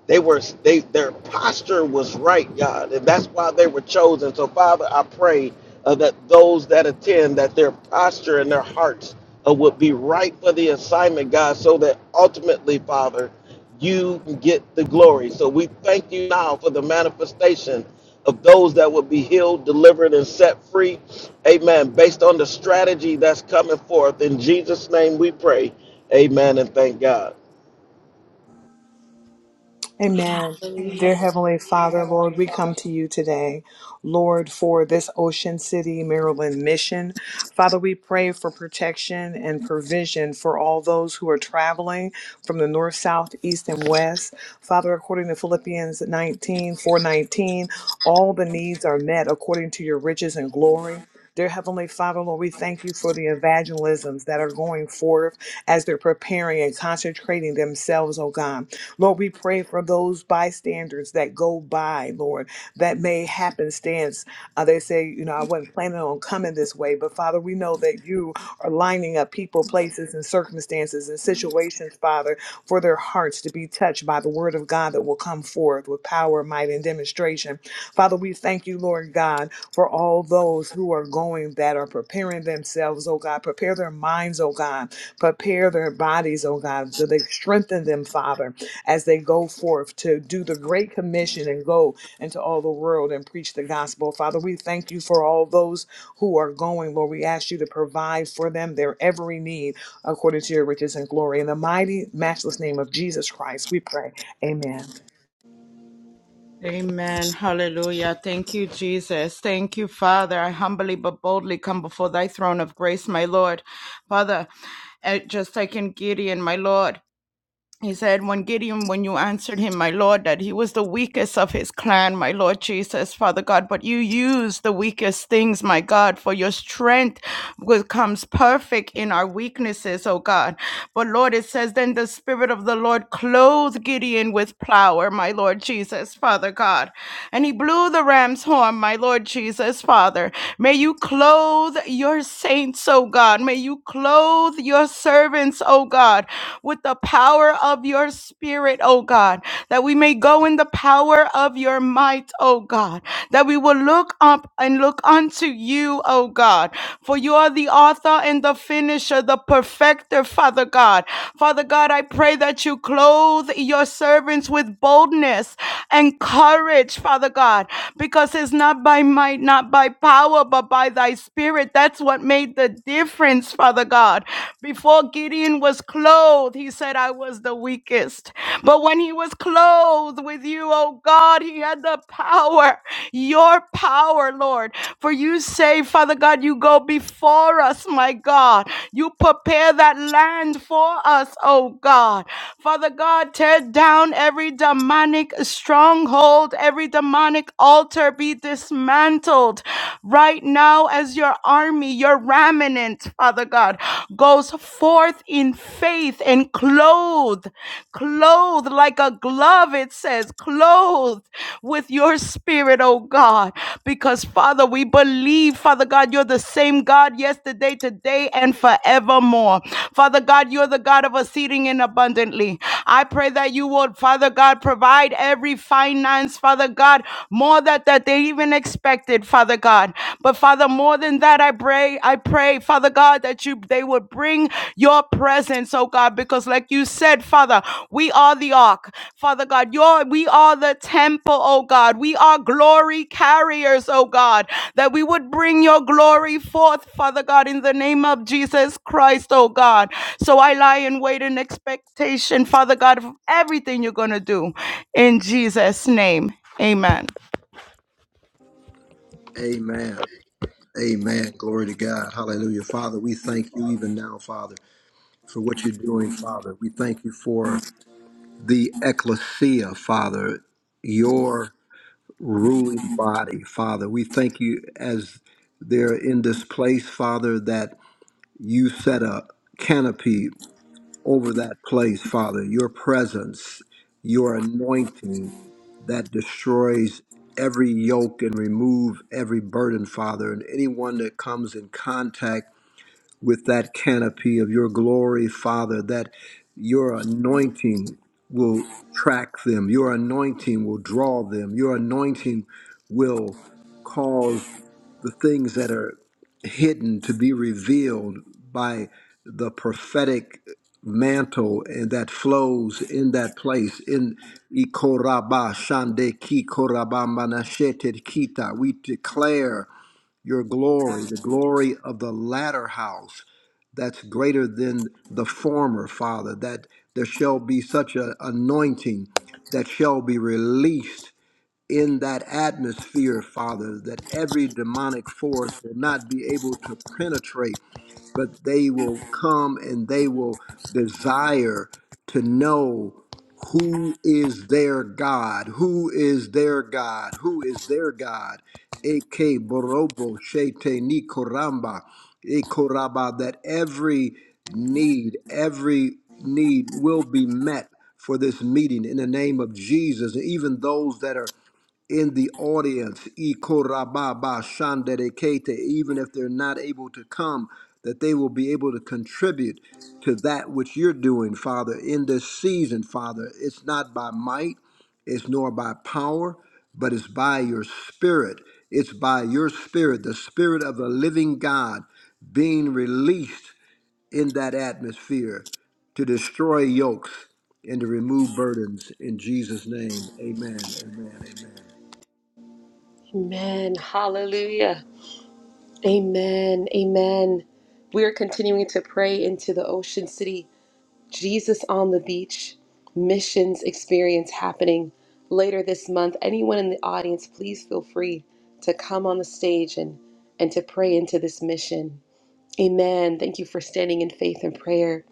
they were they their posture was right, God, and that's why they were chosen. So, Father, I pray uh, that those that attend that their posture and their hearts uh, would be right for the assignment, God, so that ultimately, Father, you can get the glory. So we thank you now for the manifestation of those that would be healed, delivered, and set free. Amen. Based on the strategy that's coming forth. In Jesus' name we pray. Amen and thank God. Amen. Hallelujah. Dear Heavenly Father, Lord, we come to you today, Lord, for this Ocean City, Maryland mission. Father, we pray for protection and provision for all those who are traveling from the north, south, east, and west. Father, according to Philippians nineteen four nineteen, all the needs are met according to your riches and glory. Dear Heavenly Father, Lord, we thank you for the evangelisms that are going forth as they're preparing and concentrating themselves, oh God. Lord, we pray for those bystanders that go by, Lord, that may happenstance. Uh, they say, you know, I wasn't planning on coming this way, but Father, we know that you are lining up people, places, and circumstances and situations, Father, for their hearts to be touched by the word of God that will come forth with power, might, and demonstration. Father, we thank you, Lord God, for all those who are going that are preparing themselves, oh God. Prepare their minds, oh God. Prepare their bodies, oh God, so they strengthen them, Father as they go forth to do the great commission and go into all the world and preach the gospel. Father, we thank you for all those who are going. Lord, we ask you to provide for them their every need according to your riches and glory. In the mighty, matchless name of Jesus Christ, we pray. Amen. Amen. Hallelujah. Thank you, Jesus. Thank you, Father. I humbly but boldly come before thy throne of grace, my Lord. Father, eh, just like in Gideon, my Lord. He said, When Gideon, when you answered him, my Lord, that he was the weakest of his clan, my Lord Jesus, Father God, but you use the weakest things, my God, for your strength becomes perfect in our weaknesses, oh God. But Lord, it says, Then the Spirit of the Lord clothed Gideon with power, my Lord Jesus, Father God. And he blew the ram's horn, my Lord Jesus, Father. May you clothe your saints, oh God. May you clothe clothe your servants, O God, with the power of your spirit, O God, that we may go in the power of your might, O God, that we will look up and look unto you, O God, for you are the author and the finisher, the perfecter, Father God. Father God, I pray that you clothe your servants with boldness and courage, Father God, because it's not by might, not by power, but but by thy spirit. That's what made the difference, Father God. Before Gideon was clothed, he said, I was the weakest. But when he was clothed with you, oh God, he had the power, your power, Lord. For you say, Father God, you go before us, my God. You prepare that land for us, oh God. Father God, tear down every demonic stronghold, every demonic demonic altar be dismantled right now as your army, your remnant, Father God, goes forth in faith and clothed, clothed like a glove, it says, clothed with your spirit, oh God. Because, Father, we believe, Father God, you're the same God yesterday, today, and forevermore. Father God, you're the God of us and abundantly. I pray that you would, Father God, provide every finance, Father God, more that, that they even expected, Father God. But Father, more than that, I pray, I pray, Father God, that you they would bring your presence, oh God, because like you said, Father, we are the ark. Father God, your we are the temple, oh God. We are glory carriers, oh God, that we would bring your glory forth, Father God, in the name of Jesus Christ, oh God. So I lie and wait in expectation, Father God, of everything you're going to do. In Jesus' name, amen. Amen. Amen. Glory to God. Hallelujah. Father, we thank you even now, Father. for what you're doing, Father. We thank you for the ecclesia, Father, your ruling body, Father. We thank you as they're in this place, Father, that you set a canopy over that place, Father. Your presence, your anointing that destroys every yoke and remove every burden, Father. And anyone that comes in contact with that canopy of your glory, Father, that your anointing will attract them, your anointing will draw them, your anointing will cause the things that are hidden to be revealed by the prophetic mantle and that flows in that place in Ikoraba Shande Ki Koraba Manashete Kita. We declare your glory, the glory of the latter house that's greater than the former, Father, that there shall be such an anointing that shall be released in that atmosphere, Father, that every demonic force will not be able to penetrate but they will come and they will desire to know who is their God, who is their God, who is their God. Eke borobo shete ni koramba, e koraba, that every need, every need will be met for this meeting in the name of Jesus. Even those that are in the audience, Ikorababa Shanderekete, even if they're not able to come, that they will be able to contribute to that which you're doing, Father, in this season, Father. It's not by might, it's nor by power, but it's by your spirit. It's by your spirit, the spirit of the living God being released in that atmosphere to destroy yokes and to remove burdens. In Jesus' name, amen, amen, amen. Amen. Hallelujah. Amen. Amen. We are continuing to pray into the ocean city. Jesus on the Beach missions experience happening later this month. Anyone in the audience, please feel free to come on the stage and, and to pray into this mission. Amen. Thank you for standing in faith and prayer.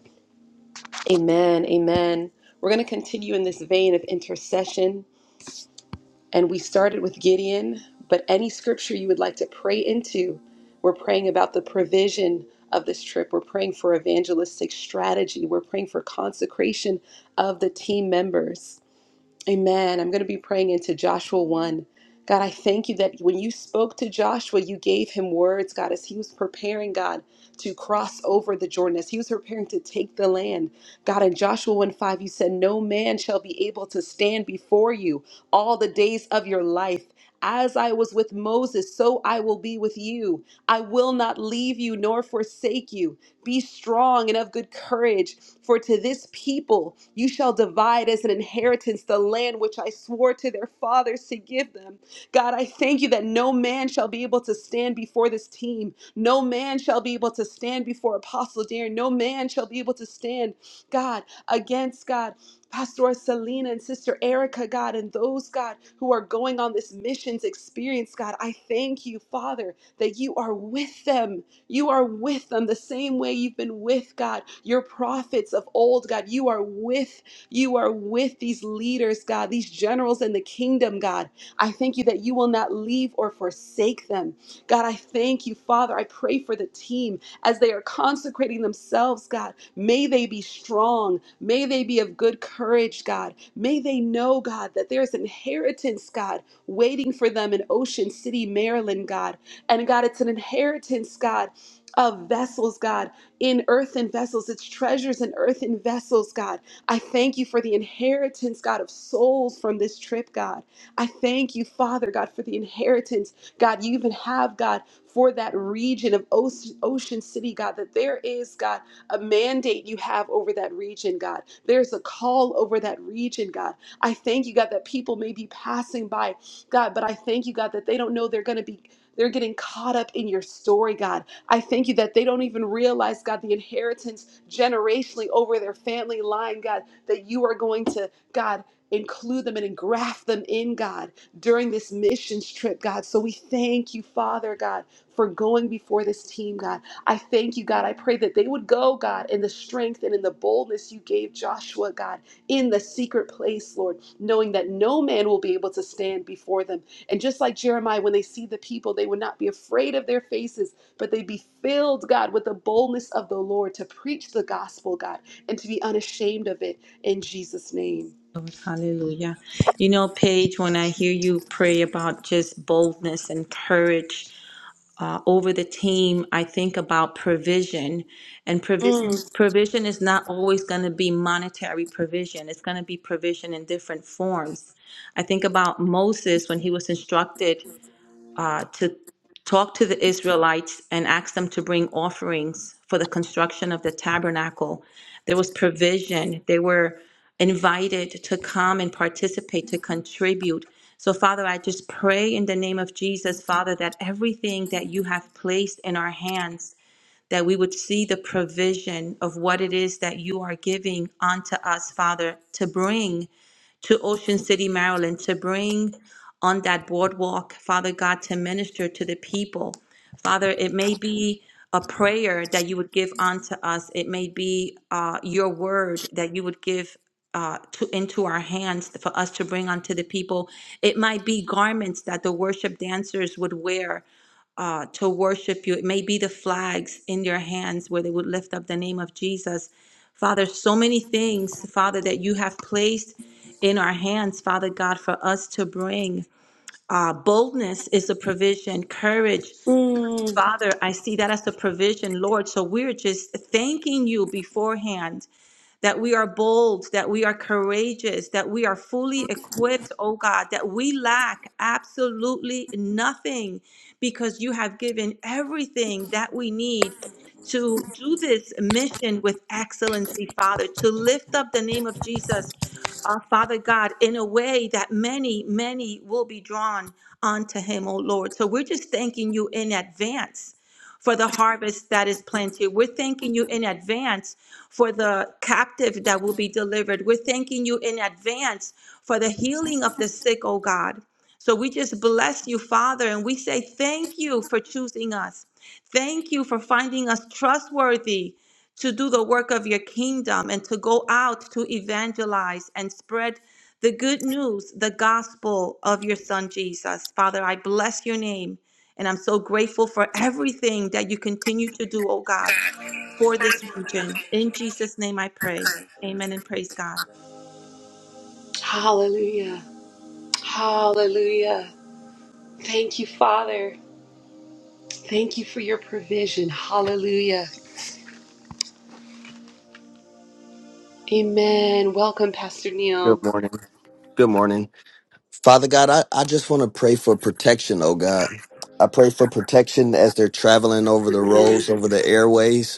Amen. Amen. We're going to continue in this vein of intercession. And we started with Gideon, but any scripture you would like to pray into, we're praying about the provision of this trip. We're praying for evangelistic strategy. We're praying for consecration of the team members. Amen. I'm going to be praying into Joshua 1. God, I thank you that when you spoke to Joshua, you gave him words, God, as he was preparing, God, to cross over the Jordan, as he was preparing to take the land. God, in Joshua 1 5, you said, No man shall be able to stand before you all the days of your life. As I was with Moses, so I will be with you. I will not leave you nor forsake you. Be strong and of good courage, for to this people you shall divide as an inheritance the land which I swore to their fathers to give them. God, I thank you that no man shall be able to stand before this team. No man shall be able to stand before Apostle Darren. No man shall be able to stand, God, against God. Pastor Selena and Sister Erica, God, and those, God, who are going on this missions experience, God, I thank you, Father, that you are with them. You are with them the same way you've been with God. Your prophets of old, God, you are with you are with these leaders, God, these generals in the kingdom, God. I thank you that you will not leave or forsake them. God, I thank you, Father. I pray for the team as they are consecrating themselves, God. May they be strong. May they be of good courage, God. May they know, God, that there is inheritance, God, waiting for them in Ocean City, Maryland, God. And God, it's an inheritance, God of vessels, God, in earthen vessels. It's treasures in earthen vessels, God. I thank you for the inheritance, God, of souls from this trip, God. I thank you, Father, God, for the inheritance, God, you even have, God, for that region of Oce- Ocean City, God, that there is, God, a mandate you have over that region, God. There's a call over that region, God. I thank you, God, that people may be passing by, God, but I thank you, God, that they don't know they're going to be. They're getting caught up in your story, God. I thank you that they don't realize, God, the inheritance generationally. Oh, my God, that you to God and in God during God. So we are God, God, I God in Lord, knowing before them. And just like when they see them, not be afraid of their faces, but they be filled, God, with the boldness of the Lord to preach the gospel, God, and to be unashamed of it in Jesus' name. Lord, hallelujah. You know, Paige, when I hear you pray about just boldness and courage uh, over the team, I think about provision. And Mm, provision, provision is not always going to be monetary provision. It's going to be provision in different forms. I think about Moses when he was instructed uh, to talk to the Israelites and ask them to bring offerings for the construction of the tabernacle. There was provision. They were invited to come and participate, to contribute. So, Father, I just pray in the name of Jesus, Father, that everything that you have placed in our hands, that we would see the provision of what it is that you are giving unto us, Father, to bring to Ocean City, Maryland, to bring on that boardwalk, Father God, to minister to the people. Father, it may be a prayer that you would give unto us. It may be uh, your word that you would give uh, to, into our hands for us to bring unto the people. It might be garments that the worship dancers would wear uh, to worship you. It may be the flags in your hands where they would lift up the name of Jesus. Father, so many things, Father, that you have placed in our hands, Father God, for us to bring. Uh, boldness is a provision, courage mm. Father, I see that as a provision, Lord. So we're just thanking you beforehand that we are bold, that we are courageous, that we are fully equipped, oh God, that we lack absolutely nothing because you have given everything that we need to do this mission with excellency, Father, to lift up the name of Jesus uh, Father God, in a way that many, many will be drawn unto him, oh Lord. So we're just thanking you in advance for the harvest that is planted. We're thanking you in advance for the captive that will be delivered. We're thanking you in advance for the healing of the sick, oh God. So we just bless you, Father, and we say thank you for choosing us. Thank you for finding us trustworthy to do the work of your kingdom and to go out to evangelize and spread the good news, the gospel of your son Jesus. Father, I bless your name and I'm so grateful for everything that you continue to do, oh God, for this region. In Jesus' name I pray. Amen and praise God. hallelujah. Hallelujah. Thank you, Father. Thank you for your provision. Hallelujah. Amen. Welcome, Pastor Good Neil. morning. Good morning. Father God, I, I just want to pray for protection, oh God. I pray for protection as they're traveling over the roads, Amen. over the airways.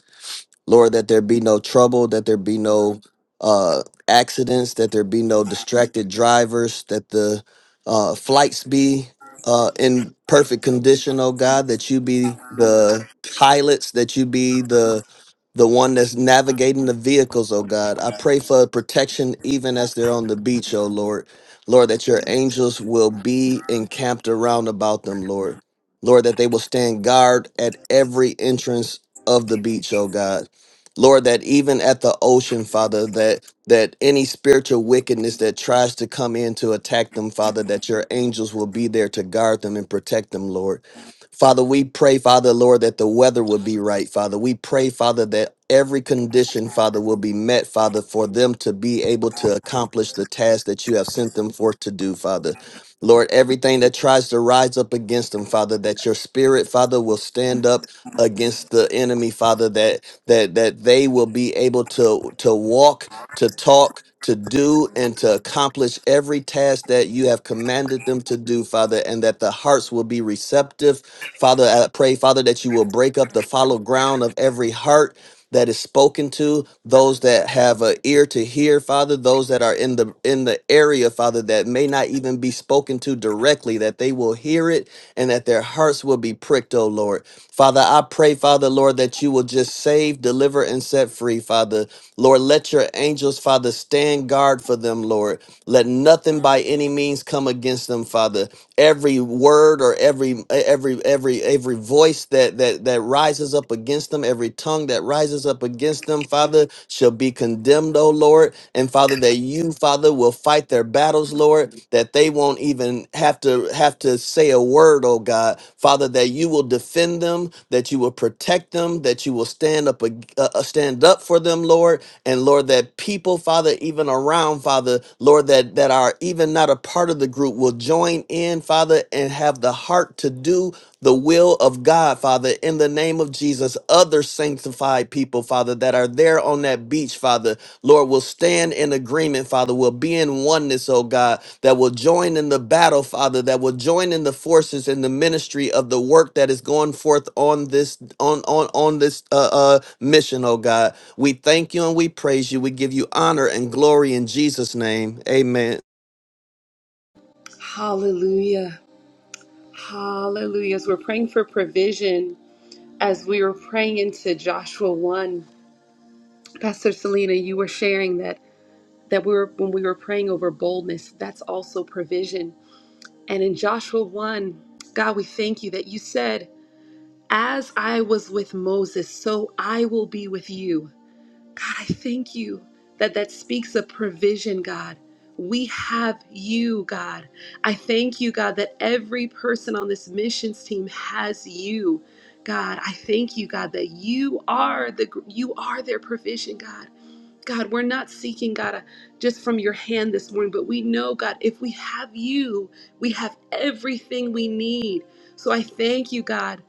Lord, that there be no trouble, that there be no uh, accidents, that there be no distracted drivers, that the uh, flights be uh, in perfect condition, oh God, that you be the pilots, that you be the the one that's navigating the vehicles, oh God. I pray for protection even as they're on the beach, oh Lord. Lord, that your angels will be encamped around about them, Lord. Lord, that they will stand guard at every entrance of the beach, oh God. Lord, that even at the ocean, Father, that that any spiritual wickedness that tries to come in to attack them, Father, that your angels will be there to guard them and protect them, Lord. Father, we pray, Father, Lord, that the weather will be right, Father. We pray, Father, that every condition, Father, will be met, Father, for them to be able to accomplish the task that you have sent them forth to do, Father. Lord, everything that tries to rise up against them, Father, that your spirit, Father, will stand up against the enemy, Father, that that that they will be able to to walk, to talk, to do and to accomplish every task that you have commanded them to do, Father, and that the hearts will be receptive. Father, I pray, Father, that you will break up the fallow ground of every heart that is spoken to those that have an ear to hear father those that are in the in the area father that may not even be spoken to directly that they will hear it and that their hearts will be pricked oh lord Father, I pray, Father, Lord, that you will just save, deliver, and set free, Father. Lord, let your angels, Father, stand guard for them, Lord. Let nothing by any means come against them, Father. Every word or every every every every voice that that that rises up against them, every tongue that rises up against them, Father, shall be condemned, O Lord. And Father, that you, Father, will fight their battles, Lord, that they won't even have to have to say a word, oh God. Father, that you will defend them, that you will protect them, that you will stand up ag- uh, uh, stand up for them, Lord. And Lord, that people, Father, even around, Father, Lord, that that are even not a part of the group will join in, Father, and have the the heart to do the will of God, Father, in the name of Jesus. Other sanctified people, Father, that are there on that beach, Father, Lord, will stand in agreement, Father, will be in oneness, oh God, that will join in the battle, Father, that will join in the forces in the ministry of the work that is going forth on this on on on this uh, uh mission, oh God. We thank you and we praise you. We give you honor and glory in Jesus' name. Amen. Hallelujah. Hallelujah. As we're praying for provision, as we were praying into Joshua 1, Pastor Selena, you were sharing that that we were when we were praying over boldness, that's also provision. And in Joshua 1, God, we thank you that you said, As I was with Moses, so I will be with you. God, I thank you that that speaks of provision, God. We have you, God. I thank you, God, that every person on this missions team has you. God, I thank you, God, that you are the you are their provision, God. God, we're not seeking, God, uh, just from your hand this morning, but we know, God, if we have you, we have everything we need. So I thank you, God,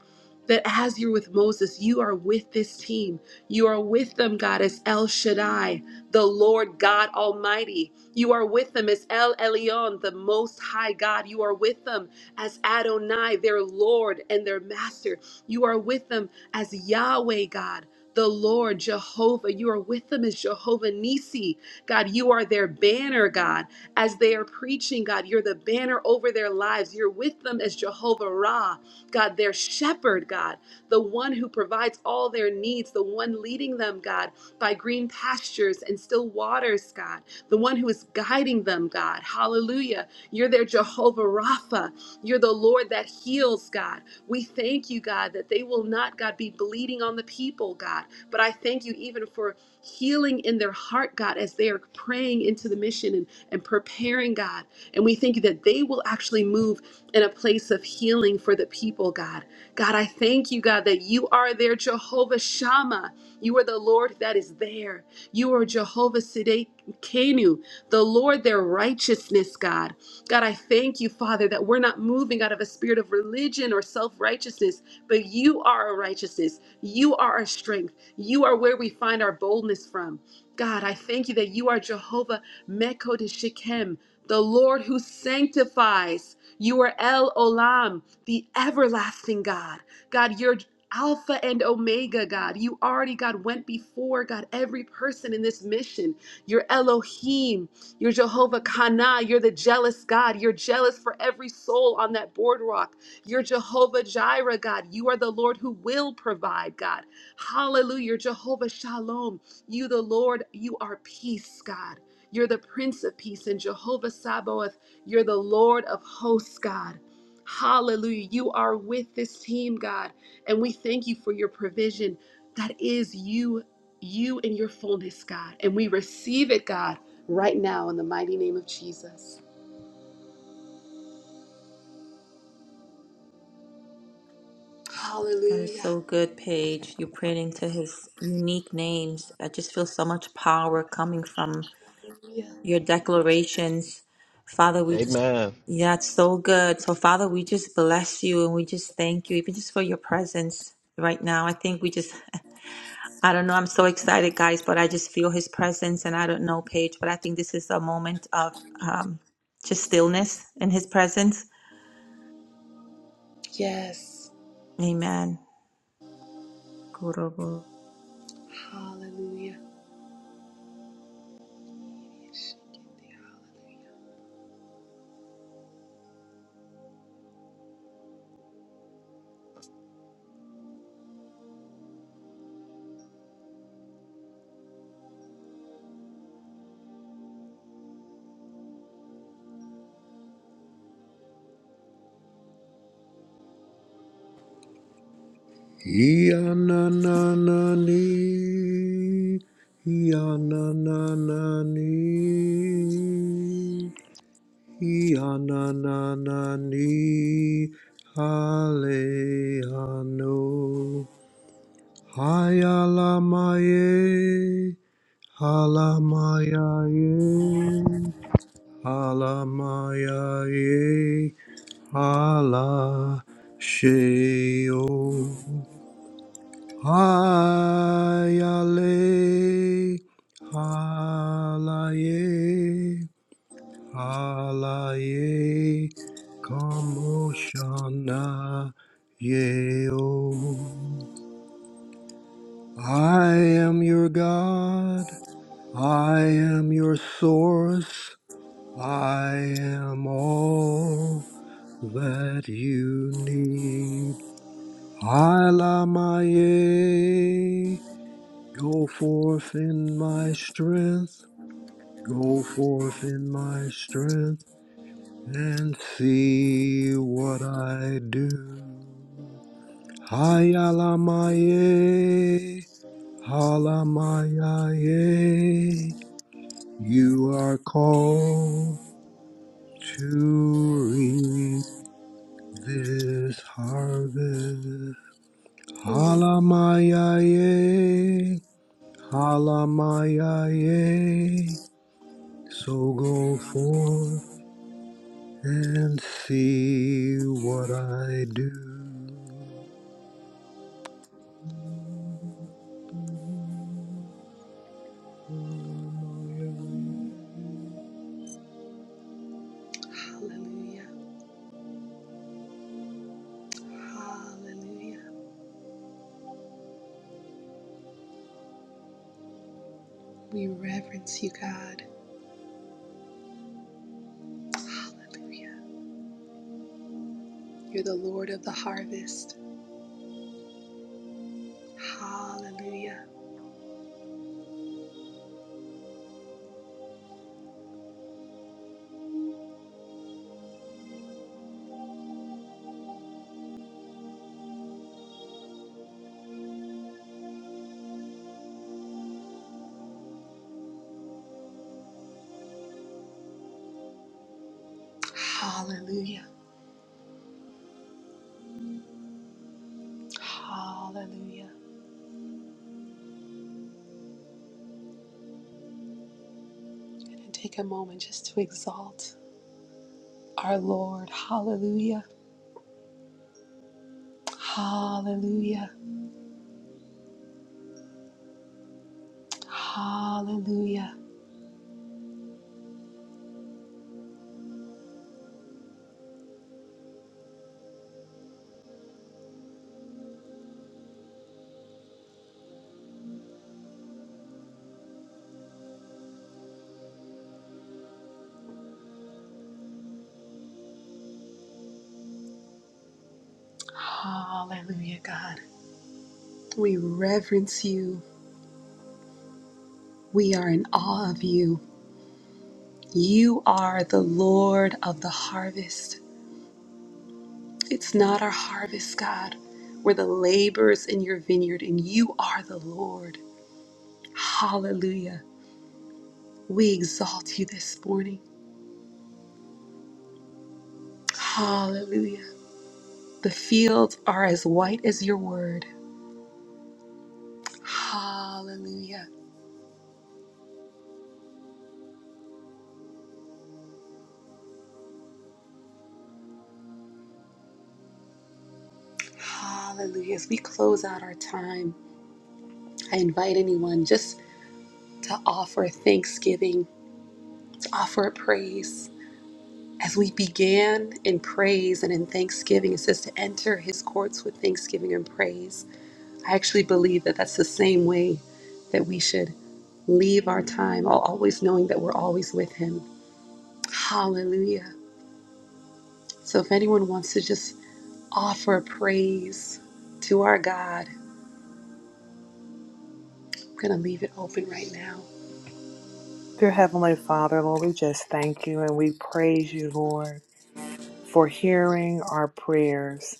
that as you're with Moses, you are with this team. You are with them, God, as El Shaddai, the Lord God Almighty. You are with them as El Elyon, the Most High God. You are with them as Adonai, their Lord and their Master. You are with them as Yahweh, God. The Lord Jehovah, you are with them as Jehovah Nisi. God, you are their banner, God. As they are preaching, God, you're the banner over their lives. You're with them as Jehovah Ra, God, their shepherd, God, the one who provides all their needs, the one leading them, God, by green pastures and still waters, God, the one who is guiding them, God. Hallelujah. You're their Jehovah Rapha. You're the Lord that heals, God. We thank you, God, that they will not, God, be bleeding on the people, God. But I thank you even for healing in their heart, God, as they are praying into the mission and, and preparing, God. And we thank you that they will actually move in a place of healing for the people, God. God, I thank you, God, that you are there, Jehovah Shammah. You are the Lord that is there. You are Jehovah Sidekenu, the Lord their righteousness, God. God, I thank you, Father, that we're not moving out of a spirit of religion or self righteousness, but you are our righteousness. You are our strength. You are where we find our boldness from. God, I thank you that you are Jehovah Mekodesh Shechem, the Lord who sanctifies. You are El Olam, the everlasting God. God, you're Alpha and Omega, God. You already, God, went before, God, every person in this mission. You're Elohim, you're Jehovah Kana. You're the jealous God. You're jealous for every soul on that boardwalk. You're Jehovah Jireh, God. You are the Lord who will provide, God. Hallelujah. You're Jehovah Shalom. You, the Lord, you are peace, God. You're the Prince of Peace. And Jehovah Sabaoth, you're the Lord of hosts, God. Hallelujah. You are with this team, God. And we thank you for your provision. That is you, you in your fullness, God. And we receive it, God right now in the mighty name of Jesus. That is Hallelujah. so good, Paige. You're praying into his unique names. I just feel so much power coming from your declarations. Father, we just, Amen. yeah, it's so good. So, Father, we just bless you and we just thank you, even just for your presence right now. I think we just, I don't know, I'm so excited, guys, but I just feel his presence. And I don't know, Paige, but I think this is a moment of um, just stillness in his presence. Amen. Kurobo. Hallelujah. Yananani, Yananani, Yananani, Haleano, Hayalamaye, Halamayaye, Halamayaye, Hala Sheo. Hayale, halaye, halaye, kamoshana yeo. I am your God, I am your source, I am all that you need. Halamaye, Go forth in my strength, go forth in my strength, and see what I do. Hayalamaye, halamaye, you are called to reap this harvest. Halamaye, halamaye. So go forth and see what I do. Hallelujah. Hallelujah. We reverence you, God. Hallelujah. You're the Lord of the harvest. Hallelujah. Hallelujah. Hallelujah. We're going to take a moment just to exalt our Lord. Hallelujah. Hallelujah. Hallelujah. Hallelujah, God. We reverence you. We are in awe of you. You are the Lord of the harvest. It's not our harvest, God. We're the laborers in your vineyard, and you are the Lord. Hallelujah. We exalt you this morning. Hallelujah. The fields are as white as your word. Hallelujah. Hallelujah. As we close out our time, I invite anyone just to offer thanksgiving, to offer a praise. As we began in praise and in thanksgiving, it says to enter his courts with thanksgiving and praise. I actually believe that that's the same way that we should leave our time, al- always knowing that we're always with him. Hallelujah. So if anyone wants to just offer praise to our God, I'm going to leave it open right now. Dear Heavenly Father, Lord, we just thank you and we praise you, Lord, for hearing our prayers.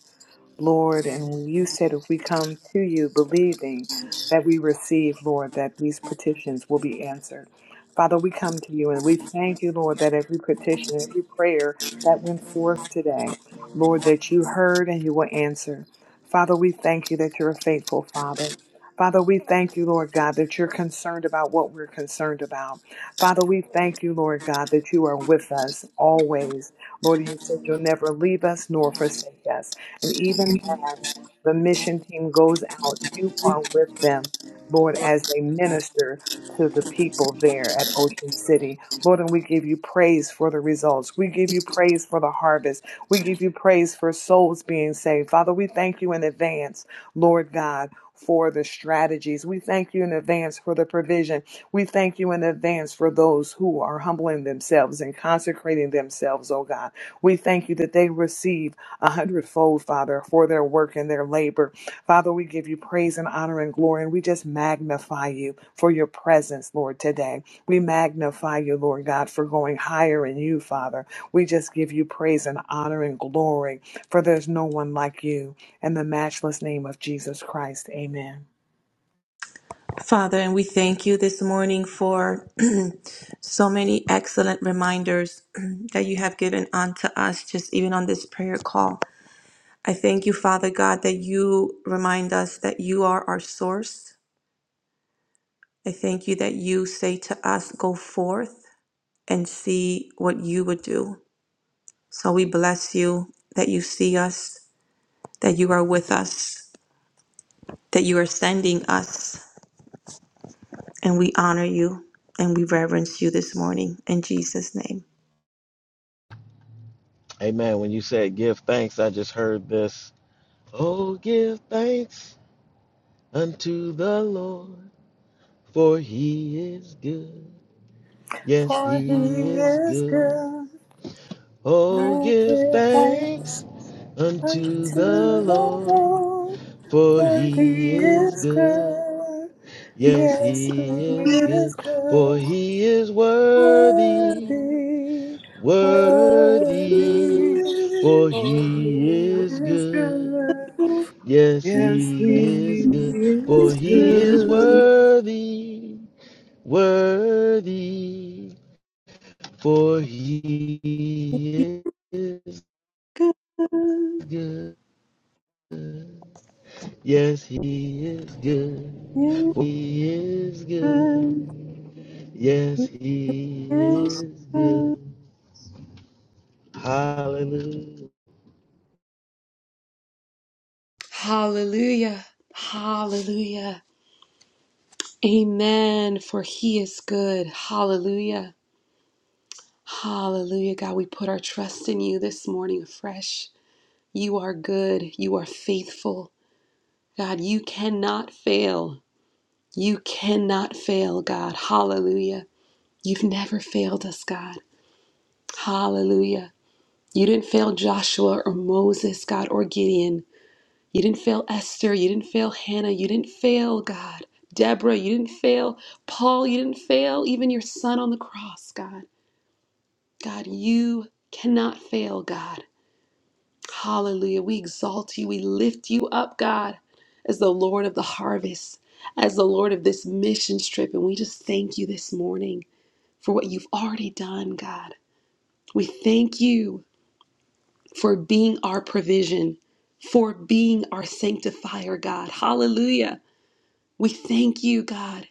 Lord, and you said if we come to you believing that we receive, Lord, that these petitions will be answered. Father, we come to you and we thank you, Lord, that every petition, every prayer that went forth today, Lord, that you heard and you will answer. Father, we thank you that you're a faithful Father. Father, we thank you, Lord God, that you're concerned about what we're concerned about. Father, we thank you, Lord God, that you are with us always. Lord, you said you'll never leave us nor forsake us. And even as the mission team goes out, you are with them, Lord, as they minister to the people there at Ocean City. Lord, and we give you praise for the results. We give you praise for the harvest. We give you praise for souls being saved. Father, we thank you in advance, Lord God. For the strategies. We thank you in advance for the provision. We thank you in advance for those who are humbling themselves and consecrating themselves, oh God. We thank you that they receive a hundredfold, Father, for their work and their labor. Father, we give you praise and honor and glory, and we just magnify you for your presence, Lord, today. We magnify you, Lord God, for going higher in you, Father. We just give you praise and honor and glory, for there's no one like you. In the matchless name of Jesus Christ, amen. Father, and we thank you this morning for so many excellent reminders that you have given unto us, just even on this prayer call. I thank you, Father God, that you remind us that you are our source. I thank you that you say to us, Go forth and see what you would do. So we bless you that you see us, that you are with us, that you are sending us, and we honor you and we reverence you this morning. In Jesus' name. Amen. When you said give thanks, I just heard this. Oh, give thanks unto the Lord, for he is good. Yes, For he he is is good. good. Oh, Oh, give give thanks thanks unto unto the the Lord, Lord, for for he he is is good. good. Yes, Yes, he he is good, is for good. he is worthy, Worthy, worthy, worthy, for oh, he he is is good. good. Yes, Yes, he is he good, is for he is good. worthy, worthy, for he is good. Yes, he is good, for he is Amen. good. Yes, he Yes. is good. Hallelujah. Hallelujah. Hallelujah. Amen. For he is good. Hallelujah. Hallelujah, God. We put our trust in you this morning afresh. You are good. You are faithful. God, you cannot fail. You cannot fail, God. Hallelujah. You've never failed us, God. Hallelujah. You didn't fail Joshua or Moses, God, or Gideon. You didn't fail Esther. You didn't fail Hannah. You didn't fail, God. Deborah, you didn't fail. Paul, you didn't fail. Even your son on the cross, God. God, you cannot fail, God. Hallelujah. We exalt you. We lift you up, God, as the Lord of the harvest, as the Lord of this mission trip. And we just thank you this morning for what you've already done, God. We thank you for being our provision, for being our sanctifier, God. Hallelujah. We thank you, God.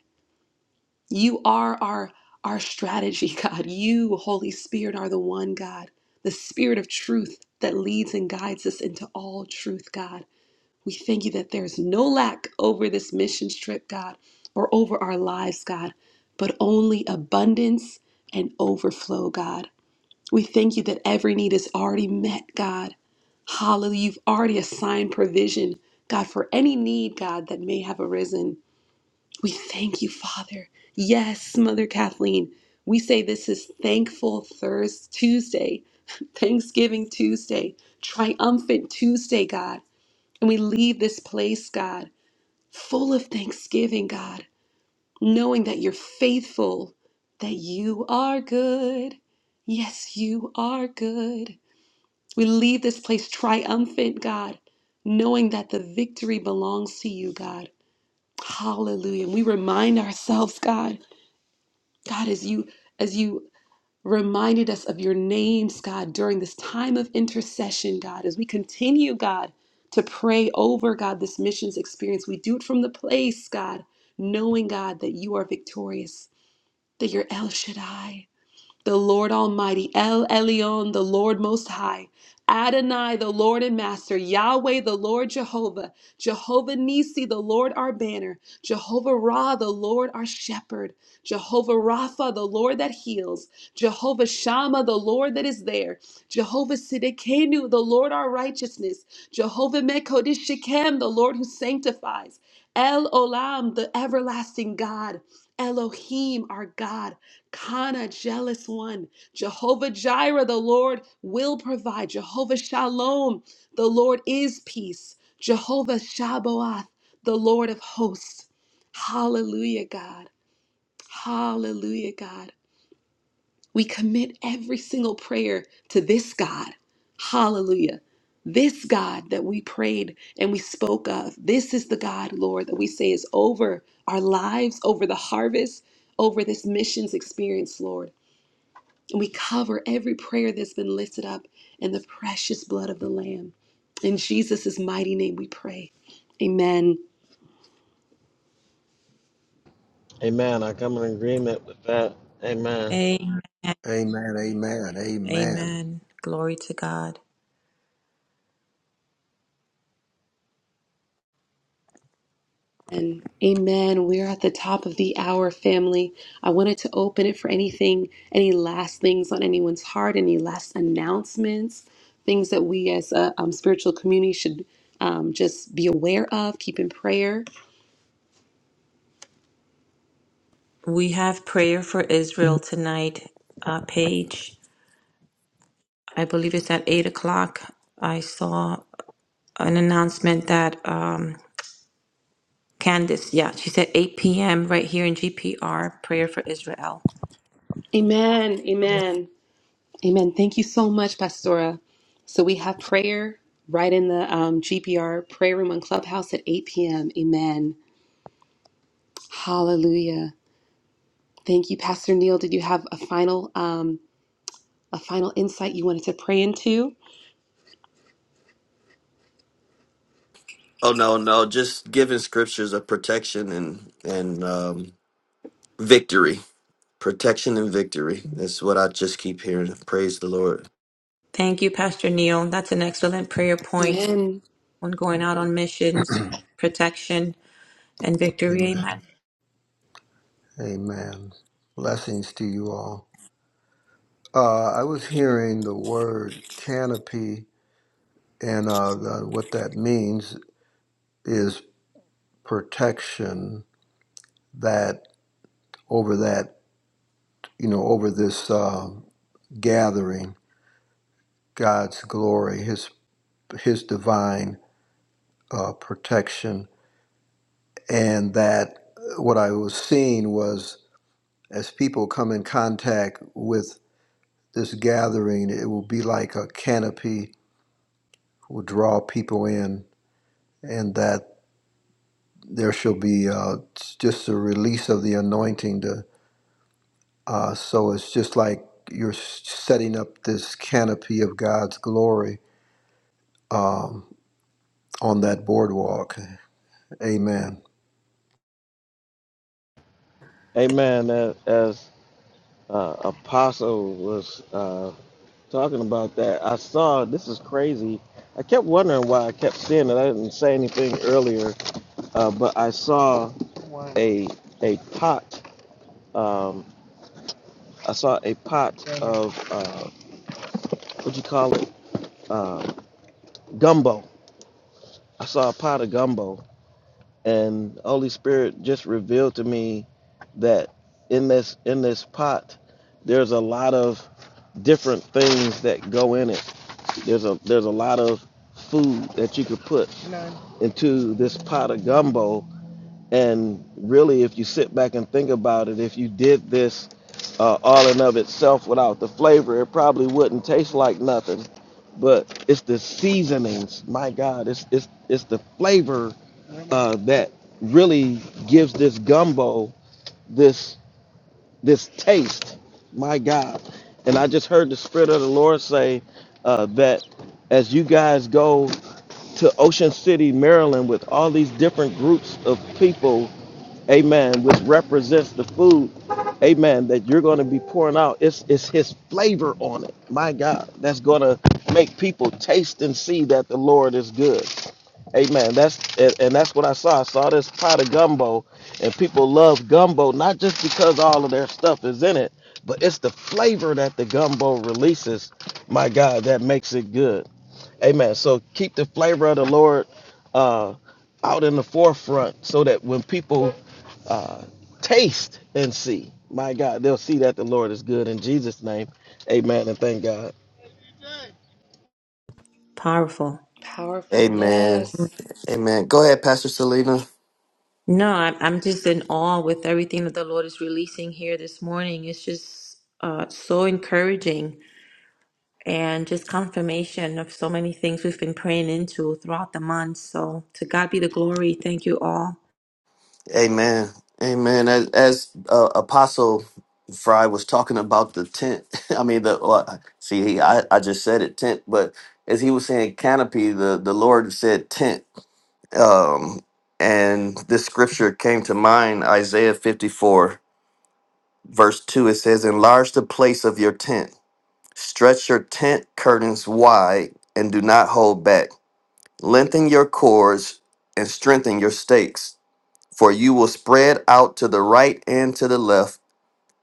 You are our our strategy, God. You, Holy Spirit, are the one, God, the Spirit of truth that leads and guides us into all truth, God. We thank you that there's no lack over this mission trip, God, or over our lives, God, but only abundance and overflow, God. We thank you that every need is already met, God. Hallelujah. You've already assigned provision, God, for any need, God, that may have arisen. We thank you, Father. Yes, Mother Kathleen. We say this is Thankful Thursday, Tuesday, Thanksgiving Tuesday, Triumphant Tuesday, God. And we leave this place, God, full of thanksgiving, God, knowing that you're faithful, that you are good. Yes, you are good. We leave this place triumphant, God, knowing that the victory belongs to you, God. Hallelujah. And we remind ourselves, God, God, as you as you reminded us of your names, God, during this time of intercession, God, as we continue, God, to pray over, God, this missions experience. We do it from the place, God, knowing, God, that you are victorious, that you're El Shaddai, the Lord Almighty, El Elyon, the Lord Most High, Adonai, the Lord and Master, Yahweh, the Lord Jehovah, Jehovah Nisi, the Lord our banner, Jehovah Ra, the Lord our shepherd, Jehovah Rapha, the Lord that heals, Jehovah Shammah, the Lord that is there, Jehovah Siddiqenu, the Lord our righteousness, Jehovah Mekodesh Shechem, the Lord who sanctifies, El Olam, the everlasting God, Elohim, our God. Kana, jealous one. Jehovah Jireh, the Lord will provide. Jehovah Shalom, the Lord is peace. Jehovah Shabbaoth, the Lord of hosts. Hallelujah, God. Hallelujah, God. We commit every single prayer to this God. Hallelujah. This God that we prayed and we spoke of. This is the God, Lord, that we say is over our lives, over the harvest, over this missions experience, Lord. And we cover every prayer that's been lifted up in the precious blood of the Lamb. In Jesus' mighty name we pray. Amen. Amen. I come in agreement with that. Amen. Amen. Amen, amen, amen, Amen. Glory to God. And amen. We're at the top of the hour, family. I wanted to open it for anything, any last things on anyone's heart, any last announcements, things that we as a um, spiritual community should um, just be aware of, keep in prayer. We have prayer for Israel tonight, uh, Paige. I believe it's at eight o'clock. I saw an announcement that um, Candace, yeah, she said 8 p.m. right here in GPR, prayer for Israel. Amen. Amen. Amen. Thank you so much, Pastora. So we have prayer right in the um, GPR prayer room on Clubhouse at 8 p.m. Amen. Hallelujah. Thank you, Pastor Neil. Did you have a final um, a final insight you wanted to pray into? Oh no, no, just giving scriptures a protection and and um, victory, protection and victory. That's what I just keep hearing. Praise the Lord. Thank you, Pastor Neil. That's an excellent prayer point Amen. on going out on missions, protection, and victory. amen, Amen. amen. Blessings to you all. Uh, I was hearing the word canopy, and uh, the, what that means is protection that over that, you know, over this uh, gathering. God's glory, His His divine uh, protection, and that what I was seeing was as people come in contact with this gathering, it will be like a canopy will draw people in, and that there shall be uh, just a release of the anointing. To uh, so it's just like you're s- setting up this canopy of God's glory um, on that boardwalk. Amen. Amen. As, as uh, Apostle was. Uh, talking about that. I saw this is crazy. I kept wondering why I kept seeing it. I didn't say anything earlier, uh, but I saw a a pot. Um, I saw a pot of uh, what you call it uh, gumbo. I saw a pot of gumbo, and Holy Spirit just revealed to me that in this in this pot, there's a lot of different things that go in it There's a there's a lot of food that you could put None. into this pot of gumbo. And really, if you sit back and think about it, if you did this uh, all in of itself without the flavor, it probably wouldn't taste like nothing. But it's the seasonings, my God, it's it's it's the flavor Really. uh, that really gives this gumbo this this taste, my God. And I just heard the Spirit of the Lord say uh, that as you guys go to Ocean City, Maryland, with all these different groups of people, amen, which represents the food, amen, that you're going to be pouring out. It's, it's His flavor on it. My God, that's going to make people taste and see that the Lord is good. Amen. That's and, and that's what I saw. I saw this pot of gumbo, and people love gumbo not just because all of their stuff is in it, but it's the flavor that the gumbo releases. My God, that makes it good. Amen. So keep the flavor of the Lord uh, out in the forefront, so that when people uh, taste and see, my God, they'll see that the Lord is good. In Jesus' name, Amen. And thank God. Powerful. Powerful. Amen. Yes. Amen. Go ahead, Pastor Selena. No, I'm, I'm just in awe with everything that the Lord is releasing here this morning. It's just uh, so encouraging and just confirmation of so many things we've been praying into throughout the month. So to God be the glory. Thank you all. Amen. Amen. As, as uh, Apostle Fry was talking about the tent, I mean the uh, see, he, I I just said it tent, but as he was saying canopy, the the Lord said tent. Um, and this scripture came to mind, Isaiah fifty four. verse 2 it says enlarge the place of your tent stretch your tent curtains wide and do not hold back lengthen your cords and strengthen your stakes for you will spread out to the right and to the left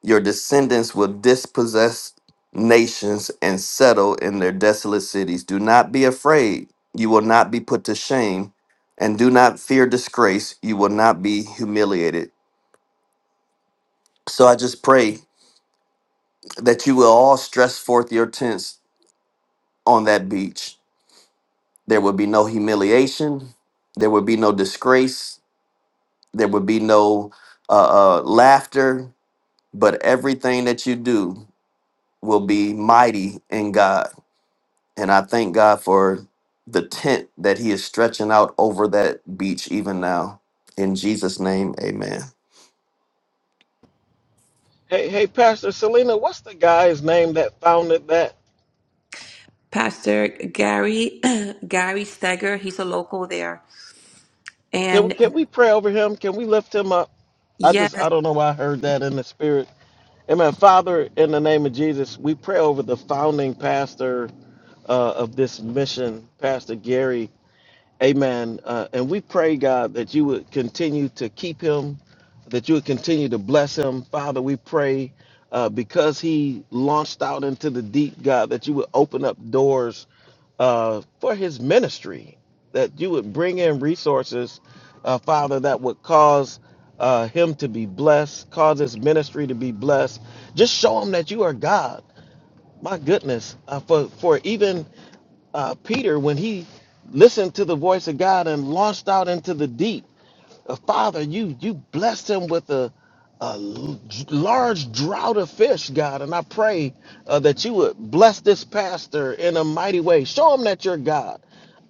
your descendants will dispossess nations and settle in their desolate cities do not be afraid you will not be put to shame and do not fear disgrace you will not be humiliated so i just pray that you will all stress forth your tents on that beach. There would be no humiliation. There would be no disgrace. There would be no uh, uh, laughter. But everything that you do will be mighty in God. And I thank God for the tent that He is stretching out over that beach even now. In Jesus' name, amen. Hey, hey, Pastor Selena, what's the guy's name that founded that? Pastor Gary, Gary Steger, he's a local there. Can And can we pray over him? Can we lift him up? I just yes, I don't know why I heard that in the spirit. Amen. Father, in the name of Jesus, we pray over the founding pastor uh, of this mission, Pastor Gary. Amen. Uh, and we pray, God, that you would continue to keep him, that you would continue to bless him. Father, we pray uh, because he launched out into the deep, God, that you would open up doors uh, for his ministry, that you would bring in resources, uh, Father, that would cause uh, him to be blessed, cause his ministry to be blessed. Just show him that you are God. My goodness, uh, for for even uh, Peter, when he listened to the voice of God and launched out into the deep, uh, Father, you you blessed him with a, a l- large drought of fish, God, and I pray uh, that you would bless this pastor in a mighty way. Show him that you're God.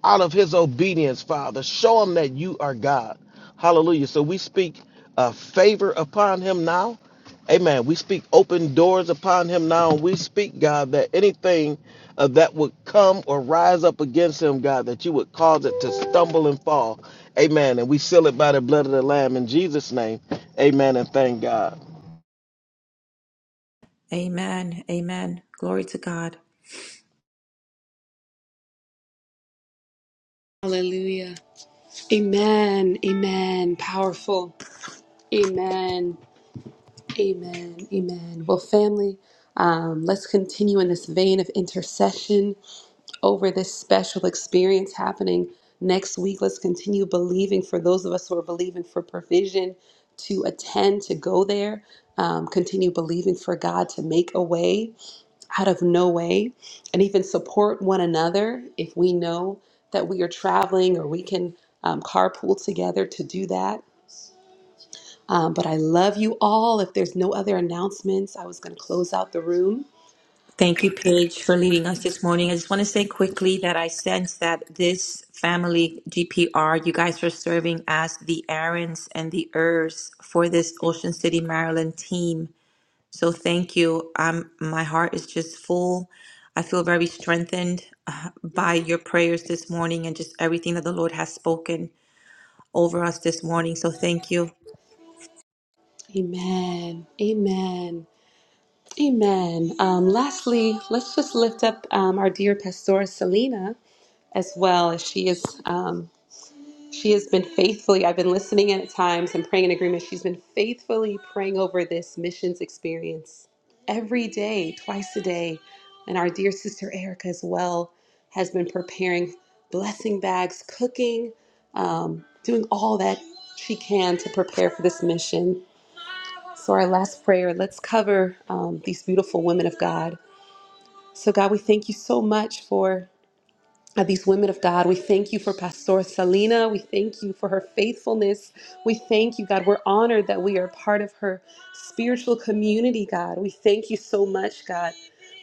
Out of his obedience, Father, show him that you are God. Hallelujah. So we speak uh, favor upon him now. Amen. We speak open doors upon him now. And we speak, God, that anything uh, that would come or rise up against him, God, that you would cause it to stumble and fall. Amen. And we seal it by the blood of the Lamb in Jesus' name. Amen. And thank God. amen, amen. Glory to God. Hallelujah. Amen. Amen. Powerful. Amen. Amen. Amen. Well, family, um, let's continue in this vein of intercession over this special experience happening next week. Let's continue believing for those of us who are believing for provision to attend, to go there. Um, continue believing for God to make a way out of no way and even support one another if we know that we are traveling or we can um, carpool together to do that. Um, but I love you all. If there's no other announcements, I was going to close out the room. Thank you, Paige, for leading us this morning. I just want to say quickly that I sense that this family, GPR, you guys are serving as the Aarons and the Ers for this Ocean City, Maryland team. So thank you. I'm my heart is just full. I feel very strengthened uh, by your prayers this morning and just everything that the Lord has spoken over us this morning. So thank you. Amen. Amen. Amen. Um, lastly, let's just lift up um, our dear Pastora Selena as well as she is. Um, she has been faithfully. I've been listening in at times and praying in agreement. She's been faithfully praying over this missions experience every day, twice a day, and our dear sister Erica as well has been preparing blessing bags, cooking, um, doing all that she can to prepare for this mission. So, our last prayer. Let's cover um, these beautiful women of God. So, God, we thank you so much for of these women of God. We thank you for Pastor Salina. We thank you for her faithfulness. We thank you, God. We're honored that we are part of her spiritual community, God. We thank you so much, God,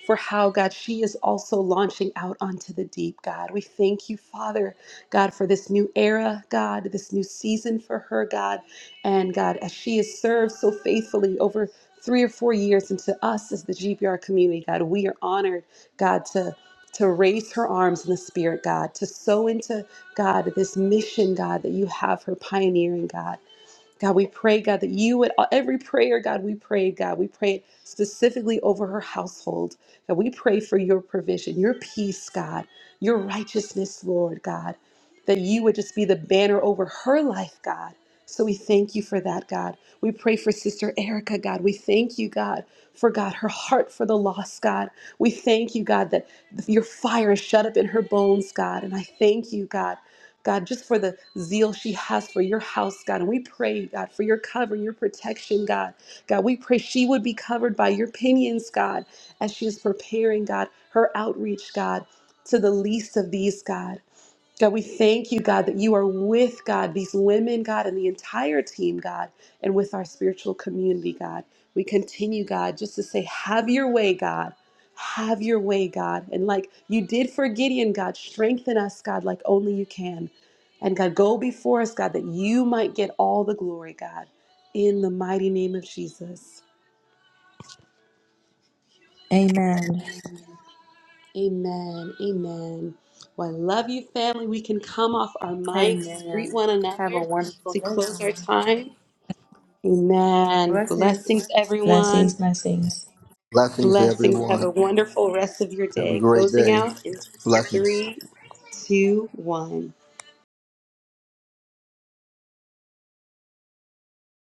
for how, God, she is also launching out onto the deep, God. We thank you, Father, God, for this new era, God, this new season for her, God. And, God, as she has served so faithfully over three or four years into us as the GBR community, God, we are honored, God, to to raise her arms in the spirit, God, to sow into God this mission, God, that you have her pioneering, God. God, we pray, God, that you would, uh, every prayer, God, we pray, God, we pray specifically over her household. God, we pray for your provision, your peace, God, your righteousness, Lord, God, that you would just be the banner over her life, God. So we thank you for that, God. We pray for Sister Erica, God. We thank you, God, for God, her heart for the lost, God. We thank you, God, that your fire is shut up in her bones, God. And I thank you, God. God, just for the zeal she has for your house, God. And we pray, God, for your cover, your protection, God. God, we pray she would be covered by your pinions, God, as she is preparing, God, her outreach, God, to the least of these, God. God, we thank you, God, that you are with God, these women, God, and the entire team, God, and with our spiritual community, God. We continue, God, just to say, have your way, God. Have your way, God. And like you did for Gideon, God, strengthen us, God, like only you can. And God, go before us, God, that you might get all the glory, God, in the mighty name of Jesus. Amen. Amen. Amen. Well, I love you, family. We can come off our mics, greet one another to close our time. Amen. Blessings, Blessings, everyone. blessings. Blessings to Blessings. everyone. Have a wonderful rest of your Have a day. great Closing day. out in Blessings. three, two, one.